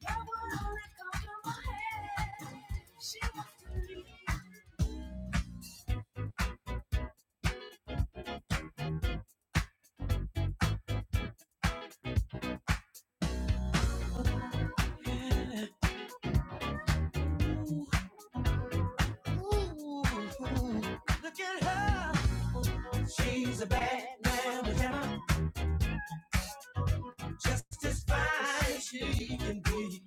[SPEAKER 1] that would only come from my head. She wants to leave. Ooh, ooh, look at her. She's a bad man with hammer, just as fine as she can be.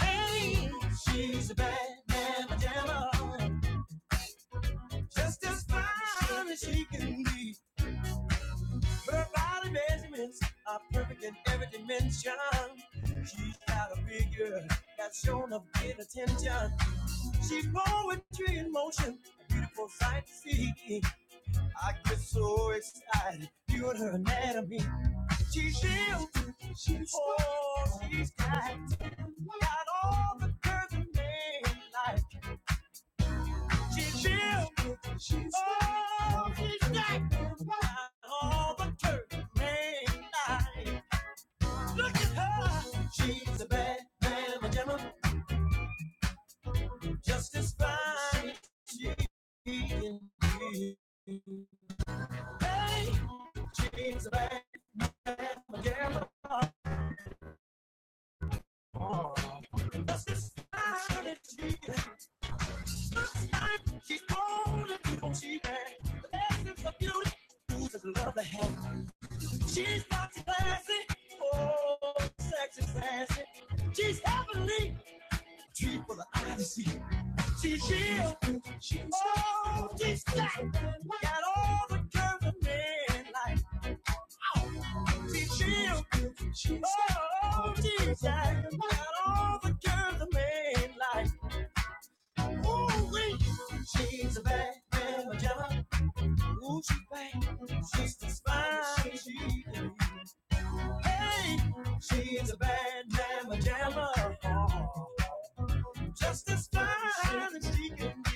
[SPEAKER 1] Hey, she's a bad mama jamma, just as fine as she can be. Her body measurements are perfect in every dimension. She's got a figure that's shown up good attention. She's poetry in motion, beautiful sight to see. I get so excited viewing her anatomy. She's built oh, she's got got all the curves a man like. she's built. Oh, she's got all the Turkman eyes. Look at her. She's a bad man. mama jamma, just fine. She's a bad man. jamma, just fine. And She looks like she's all the people she has. The essence of beauty, who's a love to have. She's boxy classy, oh, sexy sassy. She's heavenly, she's real. Oh, she's black. Got all the curves of midnight. She chill. oh, she's black. Got all the curves of midnight. Ooh, wee. She's a bad man, Magella. Ooh, she's bad. She's the spine. She hey. She's a bad man, Magella. Just as fine as she can be.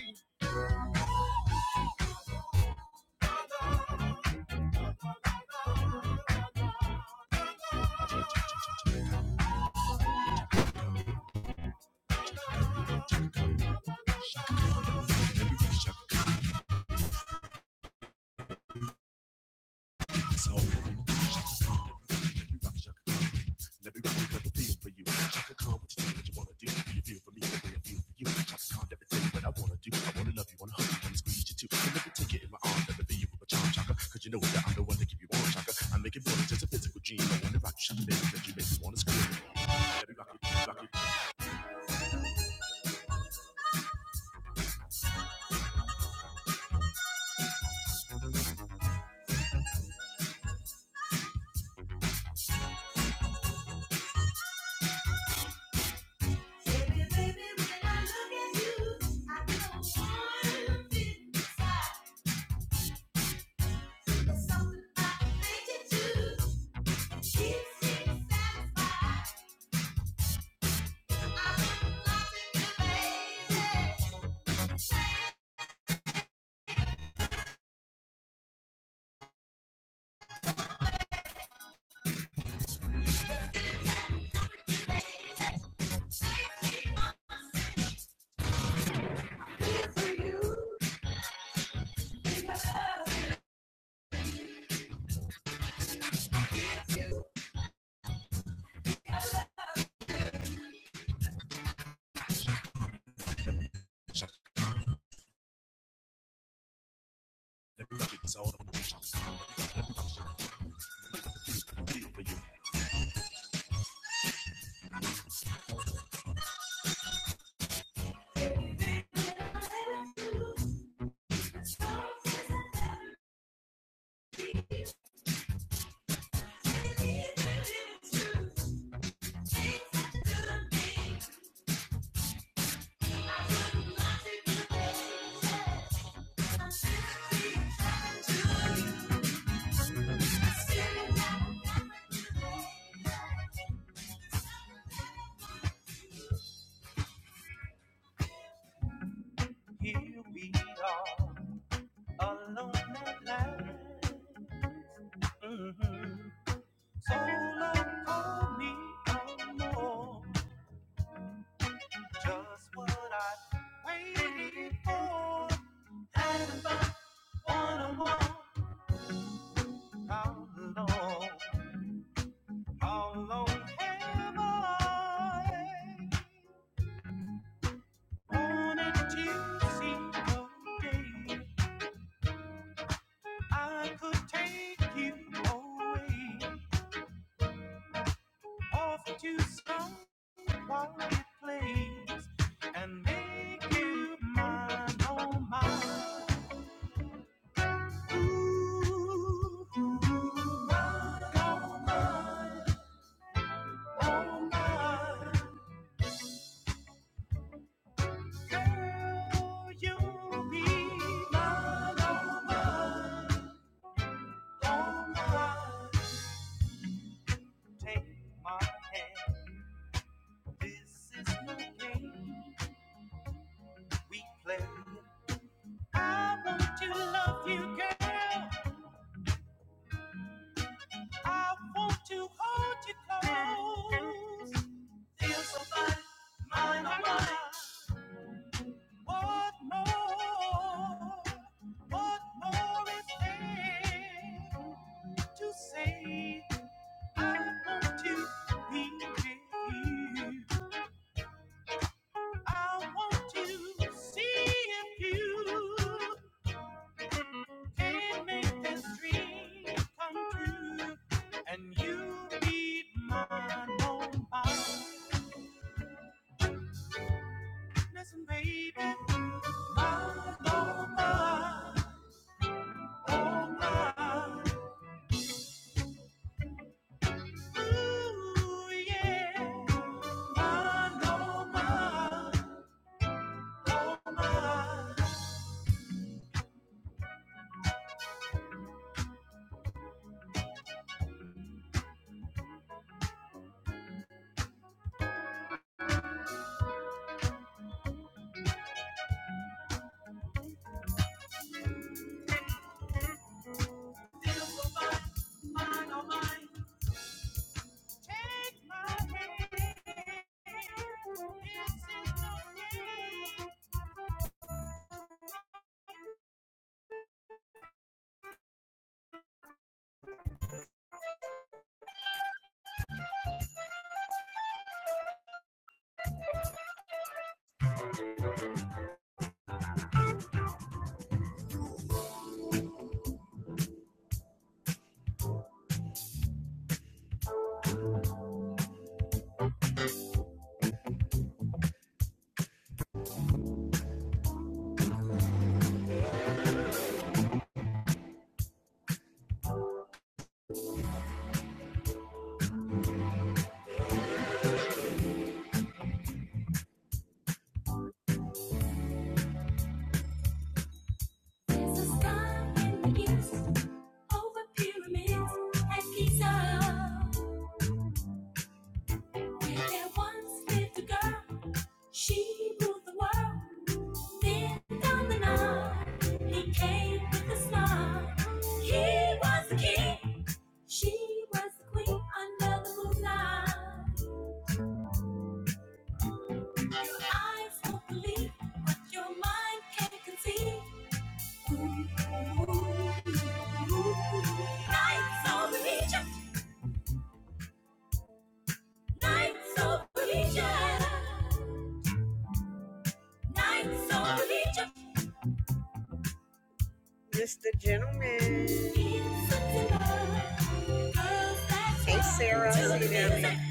[SPEAKER 1] Here we are, alone at last. So don't call me no more. Just what I waited for. Having fun on a wall. How long? How long have I wanted to see the day I could take you away off to some quiet place and make you mine, oh mine. Feel so fine, mine, oh mine. What more? What more is there to say? I want to be with you. I want to see if you can make this dream come true. And you be mine, oh my, Listen, baby, my oh my, oh my, Ooh, yeah, my oh my. over pyramids and Giza. Where there once lived a girl, she ruled the world. Then on the night, he came with a smile. He was the king, she was the queen under the moonlight. Your eyes won't believe what your mind can't conceive. Nights on the beach. Hey, Sarah. See you there.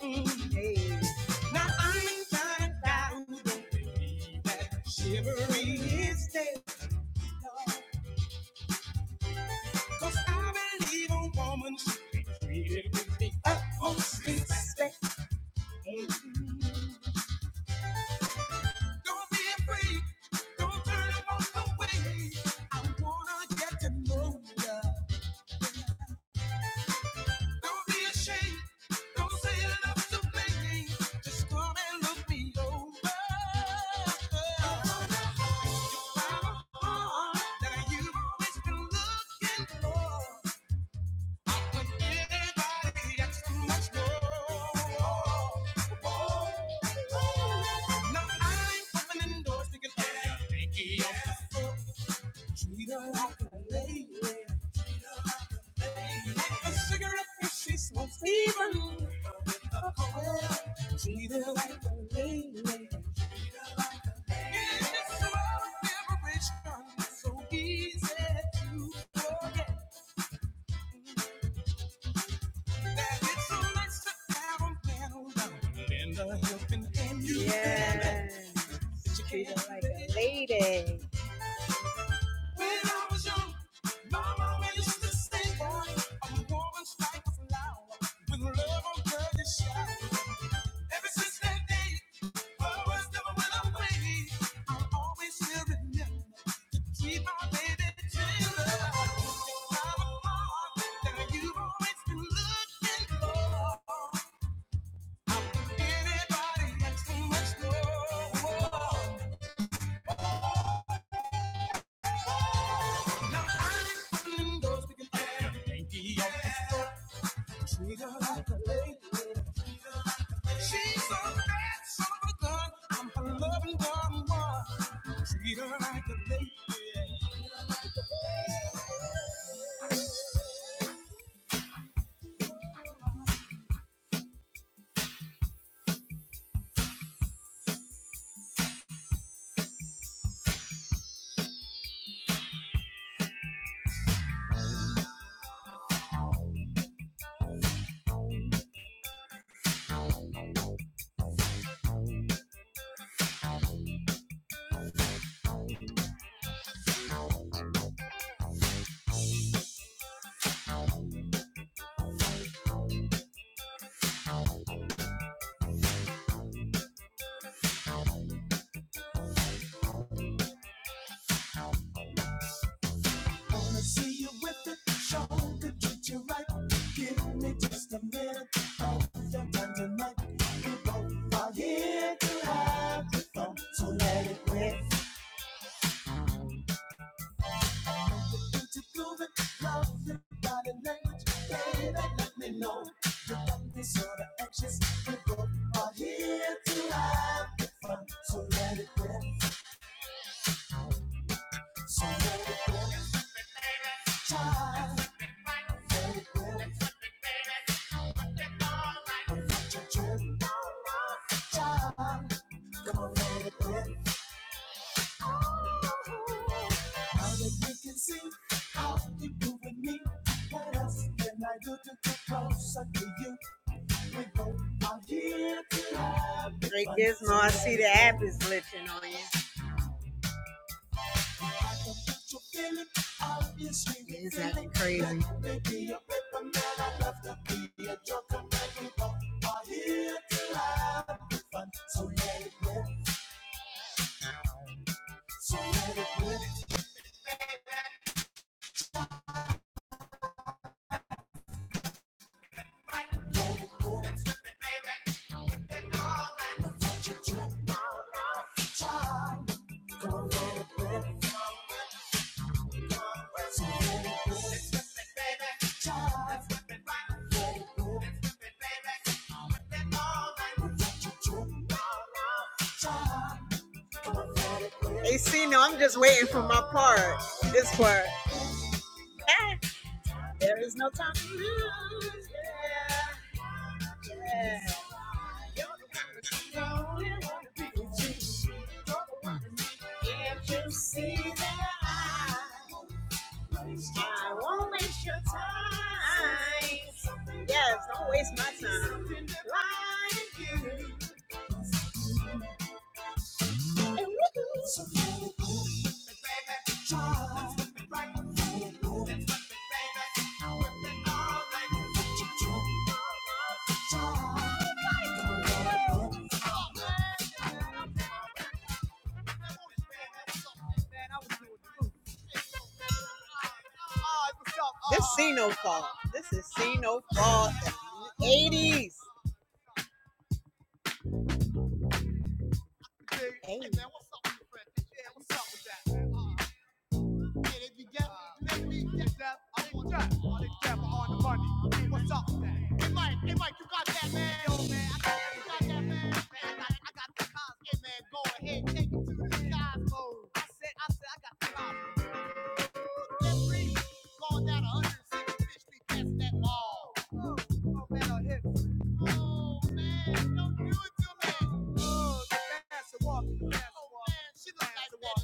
[SPEAKER 1] Hey. Don't be afraid Don't turn and walk away. I wanna get to know ya. Don't be ashamed. Don't say you to me. Just come and look me over. I wanna hold the heart that you've been looking for. I want everybody that's so much more. No, I ain't opening doors to get back. Treat her like a lady. A cigarette if she smokes even. a coil. Treat her like a lady. In this world of liberation, it's so easy to forget that it's so nice to have a man around and a helping hand. You Yes. treat her like a lady. When I was young, Mama raised to stay boy. A woman's like a flower with love on her side. Ever since that day, words never went away. I'll always still remember, keep my baby tender. You've always been looking for. Ain't the door. You're like a relation to go and find a language that let me know. This sort of anxious party. Now that you can see how you do with me, what else can I do to get closer to you? We both are here. Drake Gizmo, I see the app is glitching on you. It's acting crazy. AC, no, I'm just waiting for my part. This part. There is no time to lose. Yeah. Yes, don't waste my time. This is no fault. This is no fault. 80s. Hey, Hey man, what's up with the friend? Yeah, what's up with that? man? Uh, yeah, they be gap, they be gap, I ain't trap, on the trap, on the money. Hey, what's up with that? Hey, Mike, hey, Mike, you got that, man? Yo, man, I got, you got that, man. Man, I got, I got the cars. Hey, man, go ahead, take it to the uh, man. She look like the one.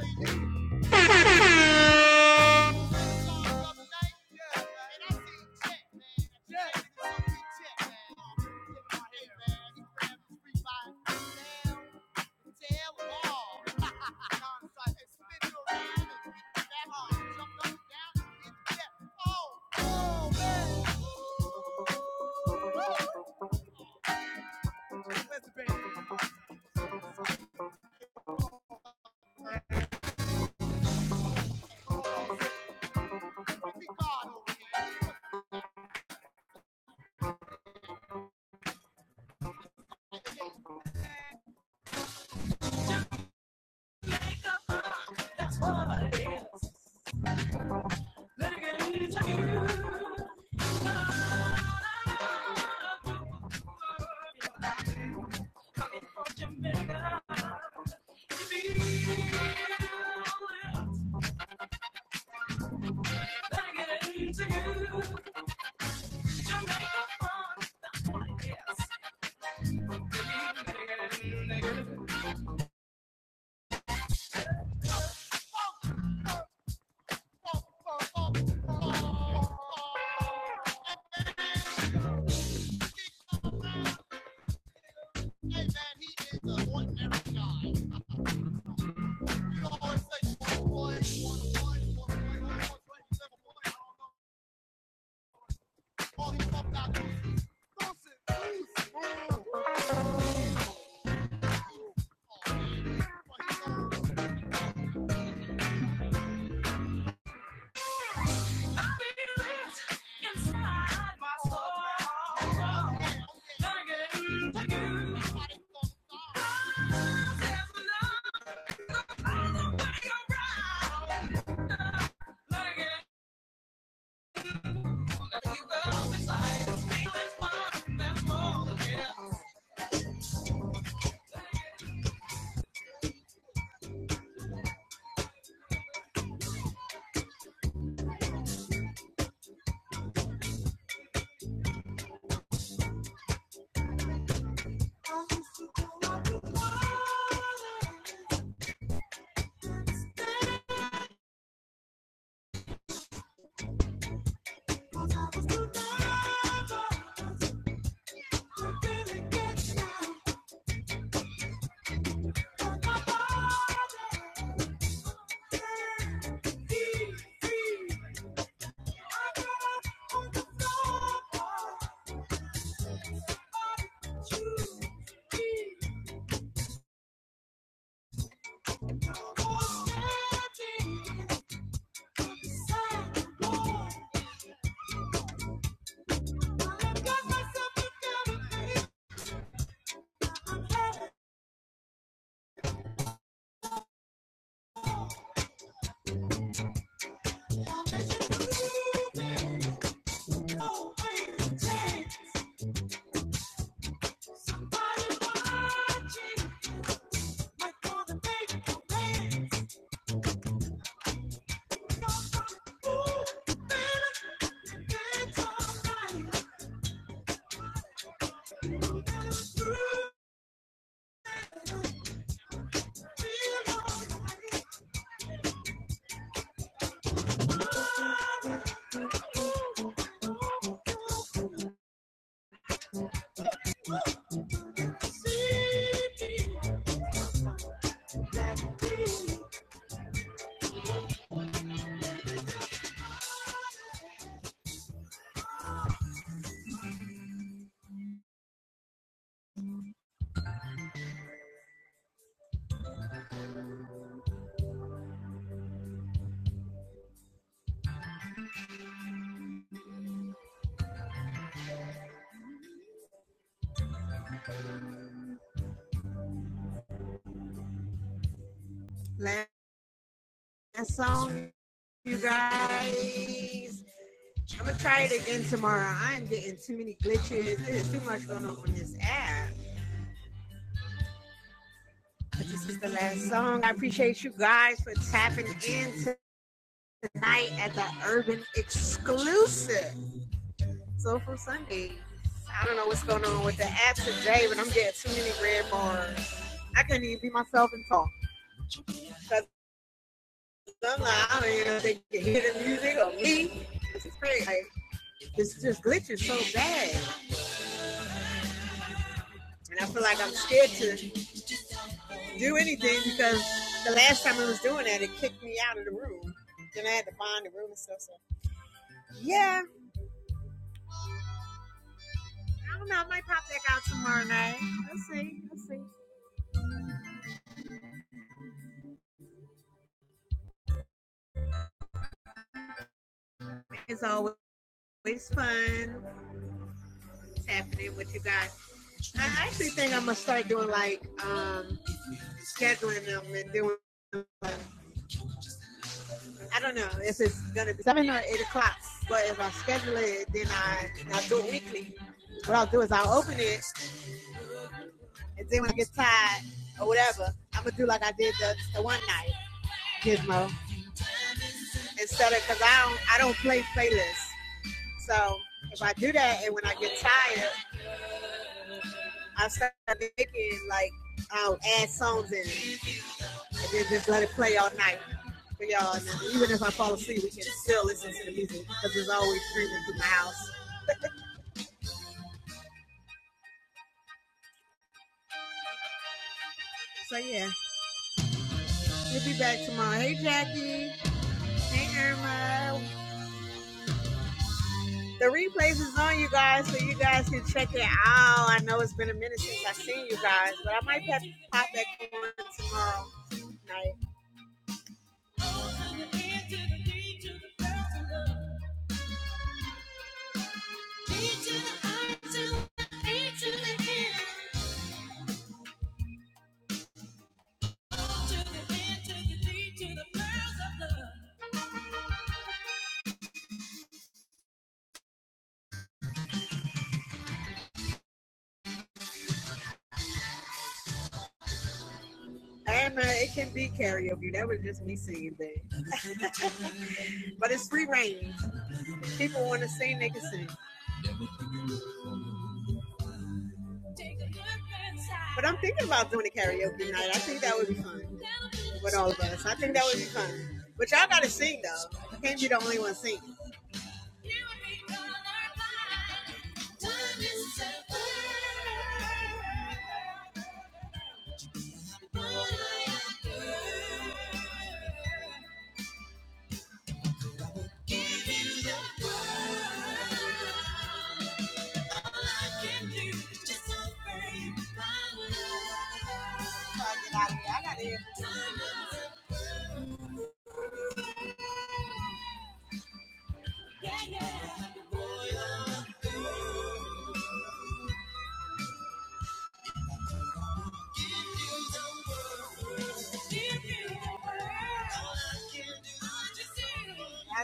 [SPEAKER 1] When you saw her the other night, yeah, man, and I seen check, man. Check, check, man. Get my head, man. You grab the street by, down, tell 'em all. You guys, I'm gonna try it again tomorrow. I'm getting too many glitches. There's too much going on on this app. But this is the last song. I appreciate you guys for tapping in tonight at the Urban Exclusive. So for Sunday, I don't know what's going on with the app today, but I'm getting too many red bars. I couldn't even be myself and talk. Because I'm like, I don't even know if they can hear the music or me. This is crazy. Like, this just glitches so bad. And I feel like I'm scared to do anything because the last time I was doing that, it kicked me out of the room. Then I had to find the room and stuff. So, yeah, I don't know. I might pop back out tomorrow night. Let's see. Let's see. It's always fun. What's happening with you guys? I actually think I'm gonna start doing like um, scheduling them and doing. Like, I don't know if it's gonna be seven or eight o'clock, but if I schedule it, then I I do it weekly. What I'll do is I'll open it, and then when I get tired or whatever, I'm gonna do like I did the, the one night gizmo instead of because I don't I don't play playlists. So if I do that, and when I get tired, I start making like I'll add songs in. It. Then just let it play all night for y'all. And even if I fall asleep, we can still listen to the music because it's always streaming through my house. So yeah, we'll be back tomorrow. Hey Jackie. Hey Irma. The replays is on you guys, so you guys can check it out. I know it's been a minute since I've seen you guys, but I might have to pop back on tomorrow night. And uh, it can be karaoke. That was just me singing things. but it's free range. People want to sing, they can sing. But I'm thinking about doing a karaoke night. I think that would be fun with all of us. I think that would be fun. But y'all gotta sing though. You can't be the only one singing. I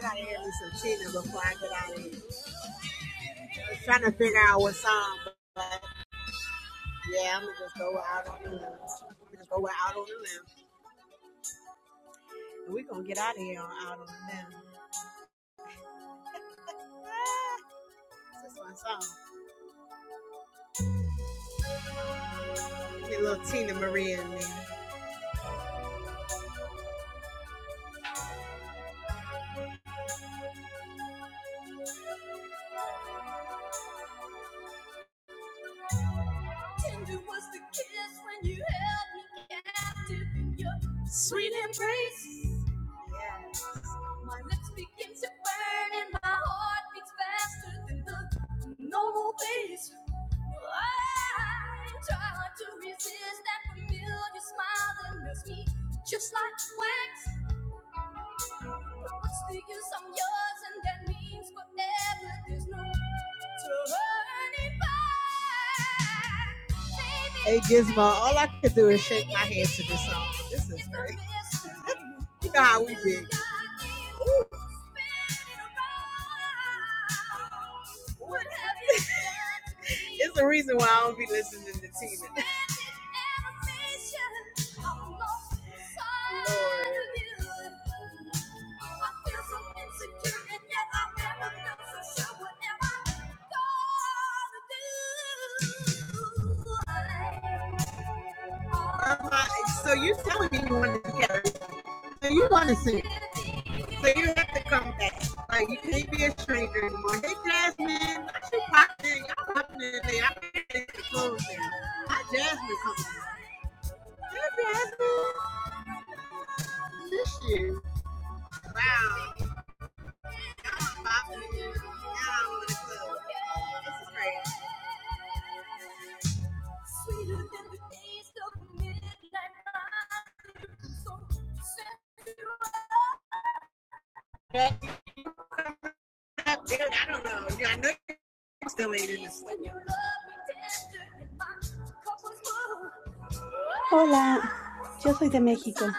[SPEAKER 1] gotta hear me some cheetah before I get out of here. I was trying to figure out what song, but yeah, I'm gonna just go out on the limb. I'm gonna just go out on the limb. We're gonna get out of here on out on now. Ah, This my song. Get a little Tina Maria in there. Tender was the kiss when you held me captive in your sweet embrace. Yes. My lips begin to burn and my heart beats faster than the normal pace. I try to resist that familiar smile that melts me just like wax. What's the use? I'm yours, and that means forever. There's no Hey Gizmo, all I could do is shake my head to this song. This is great. you know how we do. It's the reason why I don't be listening to Tina. Lord like, so you're telling me you want to get her. So you want to see. So you have to come back. Like, you can't be a stranger anymore. Hey, Jasmine, what you popping? Y'all popping in there. I can't get the clothes in. Hi, Jasmine. Come Hey, Jasmine. Miss you. Wow. Popping in. Now I want to close. This is crazy. Sweeter than the taste of midnight wine. So sensual. Well, dude, I don't know. Yeah, I know you're still eating this. When you love me tender and my cup was full.
[SPEAKER 5] Hola,
[SPEAKER 1] Ah,
[SPEAKER 5] yo soy de
[SPEAKER 1] something inside
[SPEAKER 5] México.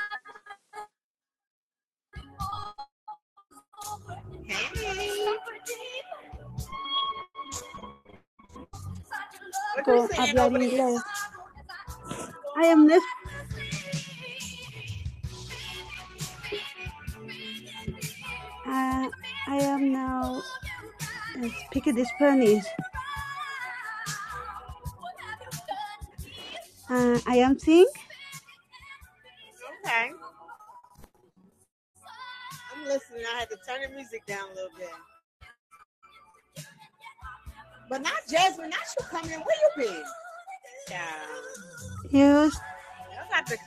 [SPEAKER 1] when it all's over. Hey, what are you
[SPEAKER 5] Puedo
[SPEAKER 1] saying
[SPEAKER 5] hablar
[SPEAKER 1] over there?
[SPEAKER 5] inglés. I am this,
[SPEAKER 1] Okay.
[SPEAKER 5] uh, I am now uh, speaking Spanish. Uh, I am sing.
[SPEAKER 1] I'm listening. I had to turn the music down a little bit. But not Jasmine, not you coming in. Where you been? Yeah.
[SPEAKER 5] Es
[SPEAKER 1] I got the.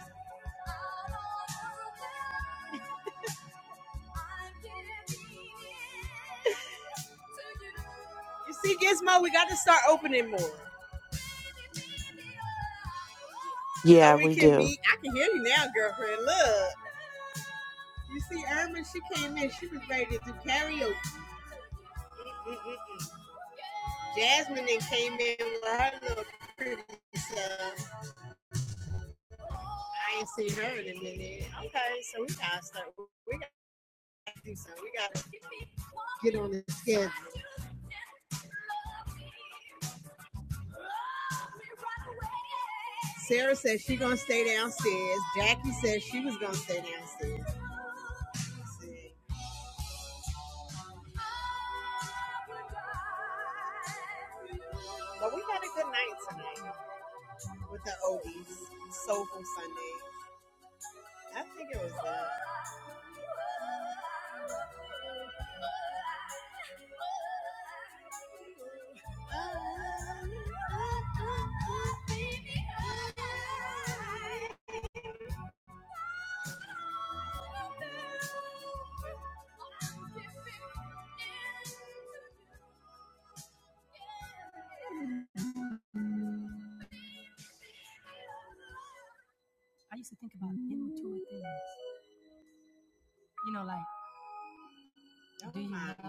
[SPEAKER 1] You see, Gizmo, we got to start opening more.
[SPEAKER 6] Yeah,
[SPEAKER 1] So we
[SPEAKER 6] we
[SPEAKER 1] can
[SPEAKER 6] do.
[SPEAKER 1] meet. I can hear you now, girlfriend. Look. You see, Irma, she came in. She was ready to do karaoke. Mm-mm-mm. Jasmine then came in with her little pretty stuff. I ain't seen her in a minute. Okay, so we gotta start. We gotta do something. We gotta get on the schedule. Sarah said she gonna stay downstairs. Jackie said she was gonna stay downstairs. But we had a good night tonight with the oldies, soulful Sunday. I think it was that.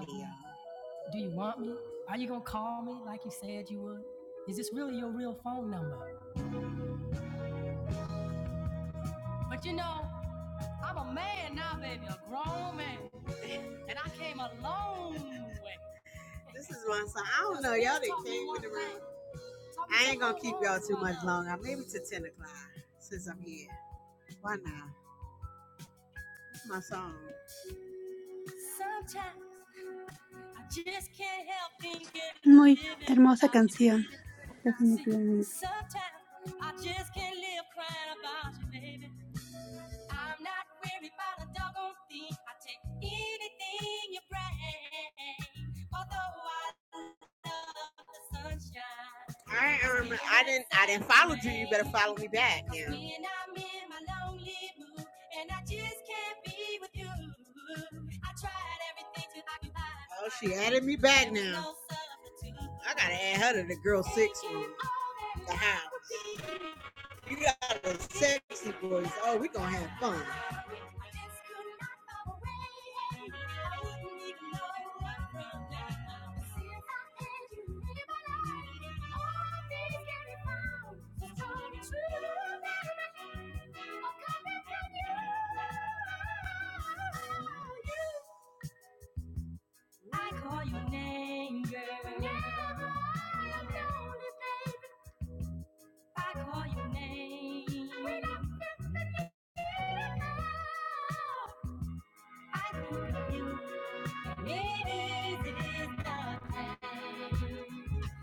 [SPEAKER 1] Yeah. So I'm gonna leave to 10 o'clock since I'm here. Why not? my song.
[SPEAKER 5] muy hermosa canción, definitivamente.
[SPEAKER 1] All right, I'll be back. Be back. And how did the girls house. You got a sexy voice. Oh, we gonna have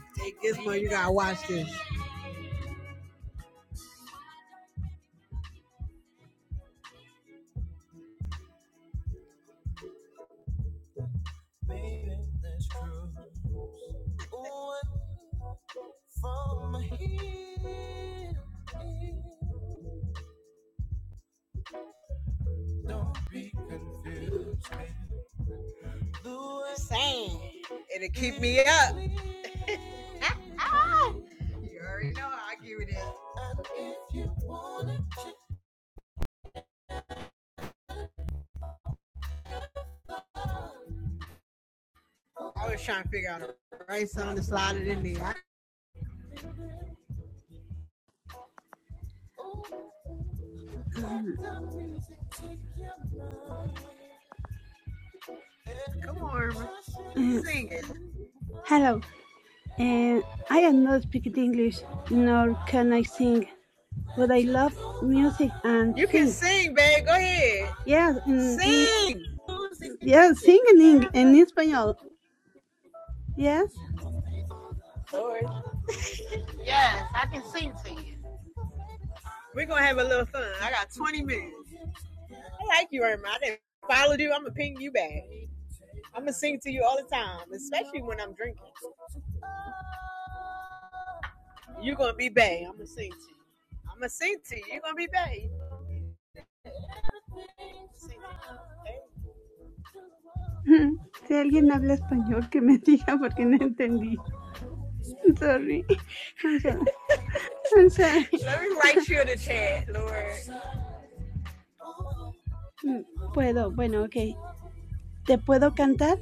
[SPEAKER 1] to take this. You it'll keep me up. You already know how I give it it is. I was trying to figure out a right song to slide it in there. Come on,
[SPEAKER 5] Uh,
[SPEAKER 1] sing it.
[SPEAKER 5] hello, uh, I am not speaking English, nor can I sing, but I love music and
[SPEAKER 1] You can
[SPEAKER 5] sing.
[SPEAKER 1] sing, babe. Go ahead,
[SPEAKER 5] Yes, mm, mm,
[SPEAKER 1] sing.
[SPEAKER 5] yes, sing in, Eng- en español. Yes.
[SPEAKER 1] Lord, Yes, I can sing to you. we're gonna have a little fun. I got 20 minutes. I like you, Irma. I didn't follow you. I'm gonna ping you back. I'm gonna sing to you all the time, especially when I'm drinking. You're gonna be babe? I'm gonna sing to you. I'm gonna sing to you. You're gonna be babe?
[SPEAKER 5] Si alguien habla español, que me diga porque no entendí. I'm Sorry. I'm sorry. I'm sorry.
[SPEAKER 1] Let me write you in the chat, Lord.
[SPEAKER 5] Mm, Puedo, bueno, ok. ¿Te puedo cantar?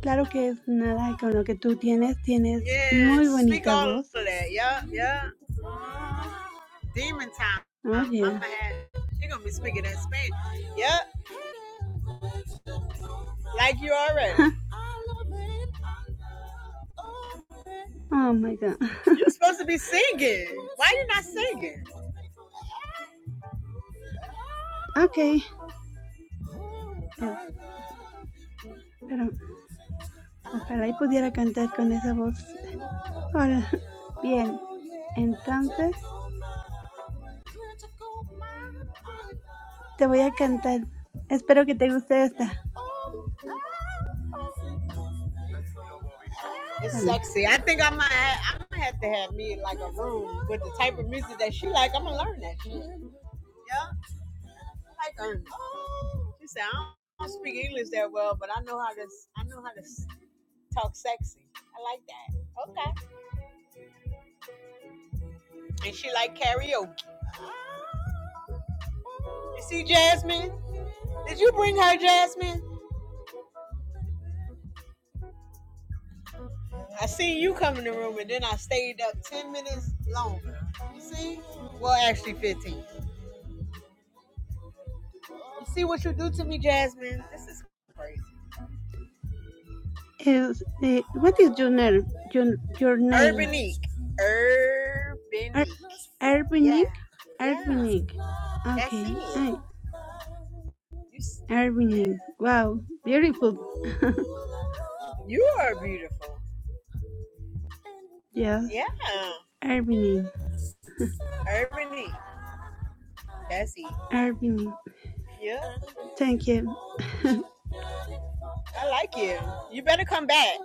[SPEAKER 5] Claro que es nada con lo que tú tienes. Tienes
[SPEAKER 1] Yeah,
[SPEAKER 5] muy
[SPEAKER 1] speak
[SPEAKER 5] bonita
[SPEAKER 1] all of
[SPEAKER 5] voz.
[SPEAKER 1] that. Yeah, yeah. demon time.
[SPEAKER 5] Oh,
[SPEAKER 1] I'm
[SPEAKER 5] yeah.
[SPEAKER 1] gonna have she gonna be speaking that Spanish. Yep, like you already.
[SPEAKER 5] Oh, my God.
[SPEAKER 1] You supposed to be singing. Why you not singing?
[SPEAKER 5] Ok. Eh, pero ojalá y pudiera cantar con esa voz. Hola. Bien. Entonces, te voy a cantar. Espero que te guste esta.
[SPEAKER 1] It's
[SPEAKER 5] Dame.
[SPEAKER 1] sexy. I think I might. I'm gonna have to have me in like a room with the type of music that she like. I'm gonna learn that shit. Yeah, like her. She said I don't, I don't speak English that well, but I know how to. I know how to talk sexy. I like that. Okay. And she like karaoke. You see, Jasmine? Did you bring her, Jasmine? I seen you come in the room and then I stayed up 10 minutes longer. You see? Well, actually 15. You see what you do to me, Jasmine? This is crazy.
[SPEAKER 5] Es, eh, what is your name? Your, your name?
[SPEAKER 1] Urbanique.
[SPEAKER 5] Ar
[SPEAKER 1] Urbanique. Yeah.
[SPEAKER 5] Arvinik?
[SPEAKER 1] Yeah.
[SPEAKER 5] Arvinik. Ok.
[SPEAKER 1] That's it.
[SPEAKER 5] I,
[SPEAKER 1] You, s-
[SPEAKER 5] Irving,
[SPEAKER 1] yeah.
[SPEAKER 5] wow, beautiful,
[SPEAKER 1] You are beautiful.
[SPEAKER 5] yes,
[SPEAKER 1] Yeah.
[SPEAKER 5] Irving,
[SPEAKER 1] Urbanique. That's it.
[SPEAKER 5] Irving,
[SPEAKER 1] Yeah.
[SPEAKER 5] thank you.
[SPEAKER 1] I like you. You better come back.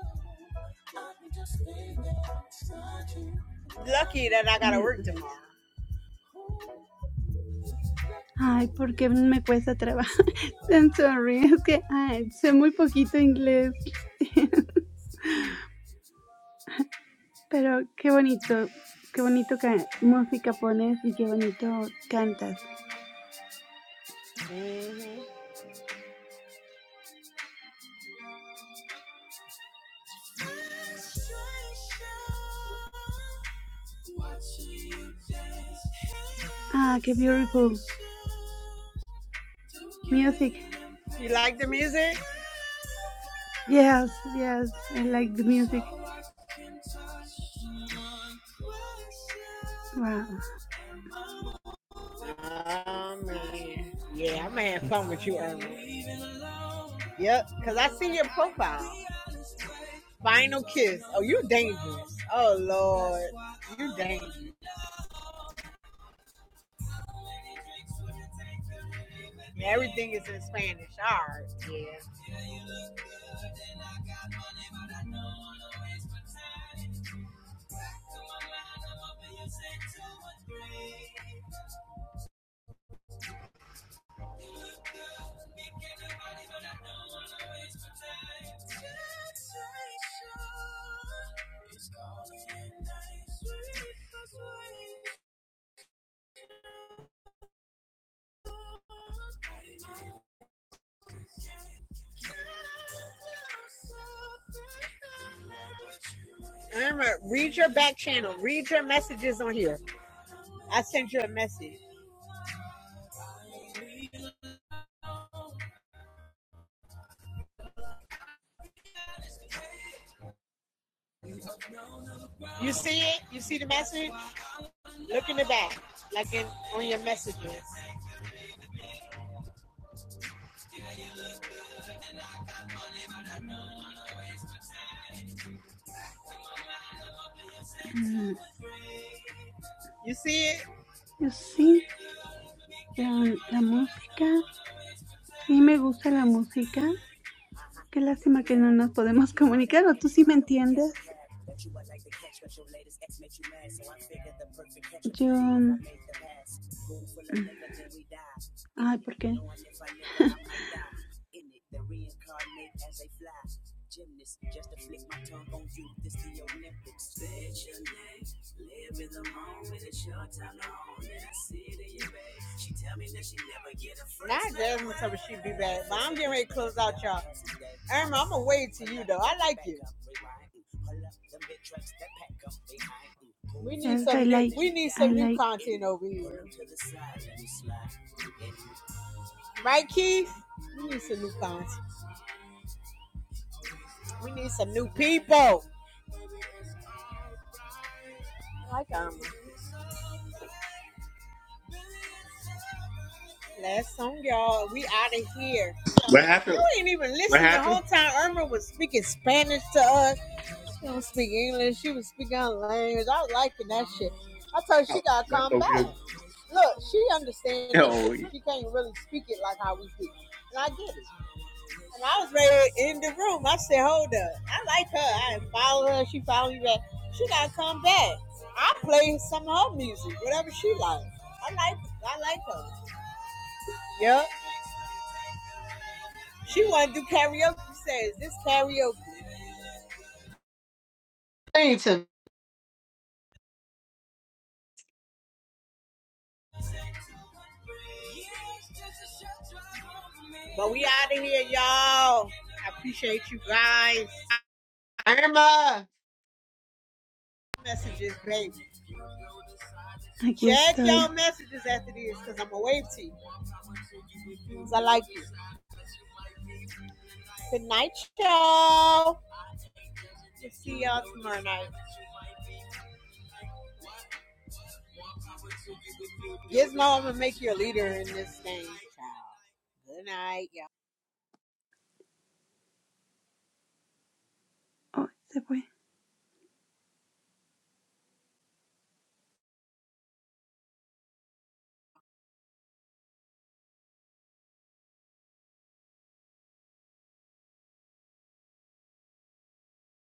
[SPEAKER 1] Lucky that I got to
[SPEAKER 5] Eh,
[SPEAKER 1] work tomorrow.
[SPEAKER 5] Ay, ¿por qué me cuesta trabajo? I'm sorry, es que ay, sé muy poquito inglés, pero qué bonito, qué bonito que música pones y qué bonito cantas. Ah, qué beautiful music.
[SPEAKER 1] You like the music?
[SPEAKER 5] Yes, yes, I like the music. Wow.
[SPEAKER 1] Oh man. Yeah, I'm having fun with you earlier. Yep, because I see your profile. Final kiss. Oh, you dangerous. Oh, Lord. You dangerous. Everything is in Spanish. All right. Yeah. Remember, read your back channel. Read your messages on here. I sent you a message. You see it? You see the message? Look in the back, like in on your messages.
[SPEAKER 5] Mm,
[SPEAKER 1] You see it?
[SPEAKER 5] Yo Sí, la la música, sí me gusta la música. Qué lástima que no nos podemos comunicar, o tú sí me entiendes. Yo, mm,
[SPEAKER 1] But then we die. In
[SPEAKER 5] ay,
[SPEAKER 1] it,
[SPEAKER 5] porque
[SPEAKER 1] the reincarnation. Not Jasmine coming, she be back. But I'm getting ready to close out y'all. Irma, I'm gonna wait to you though. I like you. We
[SPEAKER 5] ya
[SPEAKER 1] need
[SPEAKER 5] I
[SPEAKER 1] some new
[SPEAKER 5] like,
[SPEAKER 1] we need
[SPEAKER 5] I
[SPEAKER 1] some new
[SPEAKER 5] like,
[SPEAKER 1] content over here. Right, Keith? We need some new content. We need some new people. Like Irma. Last song, y'all. We out of here.
[SPEAKER 3] What
[SPEAKER 1] You
[SPEAKER 3] happened?
[SPEAKER 1] ain't even
[SPEAKER 3] What
[SPEAKER 1] listening the
[SPEAKER 3] happened?
[SPEAKER 1] whole time. Irma was speaking Spanish to us. She don't speak English. She was speaking our language. I was liking that shit. I told her she gotta come back. Look, she understands that shit,
[SPEAKER 3] Yo,
[SPEAKER 1] but she can't really speak it like how we do. And I get it. And I was ready in the room. I said, hold up. I like her. I follow her. She follow me back. She gotta come back. I play some of her music, whatever she likes. I like I like her. Yep. She wanna do karaoke She says this karaoke. But we out of here, y'all. I appreciate you guys. Irma messages, baby.
[SPEAKER 5] aquí
[SPEAKER 1] Check your
[SPEAKER 5] estoy.
[SPEAKER 1] messages after this, cause I'm gonna wave to you. 'Cause I like you. Good night, y'all. We'll see y'all tomorrow night. Gizmo, I'm gonna make you a leader in this thing. Good night, y'all.
[SPEAKER 5] Oh, se fue.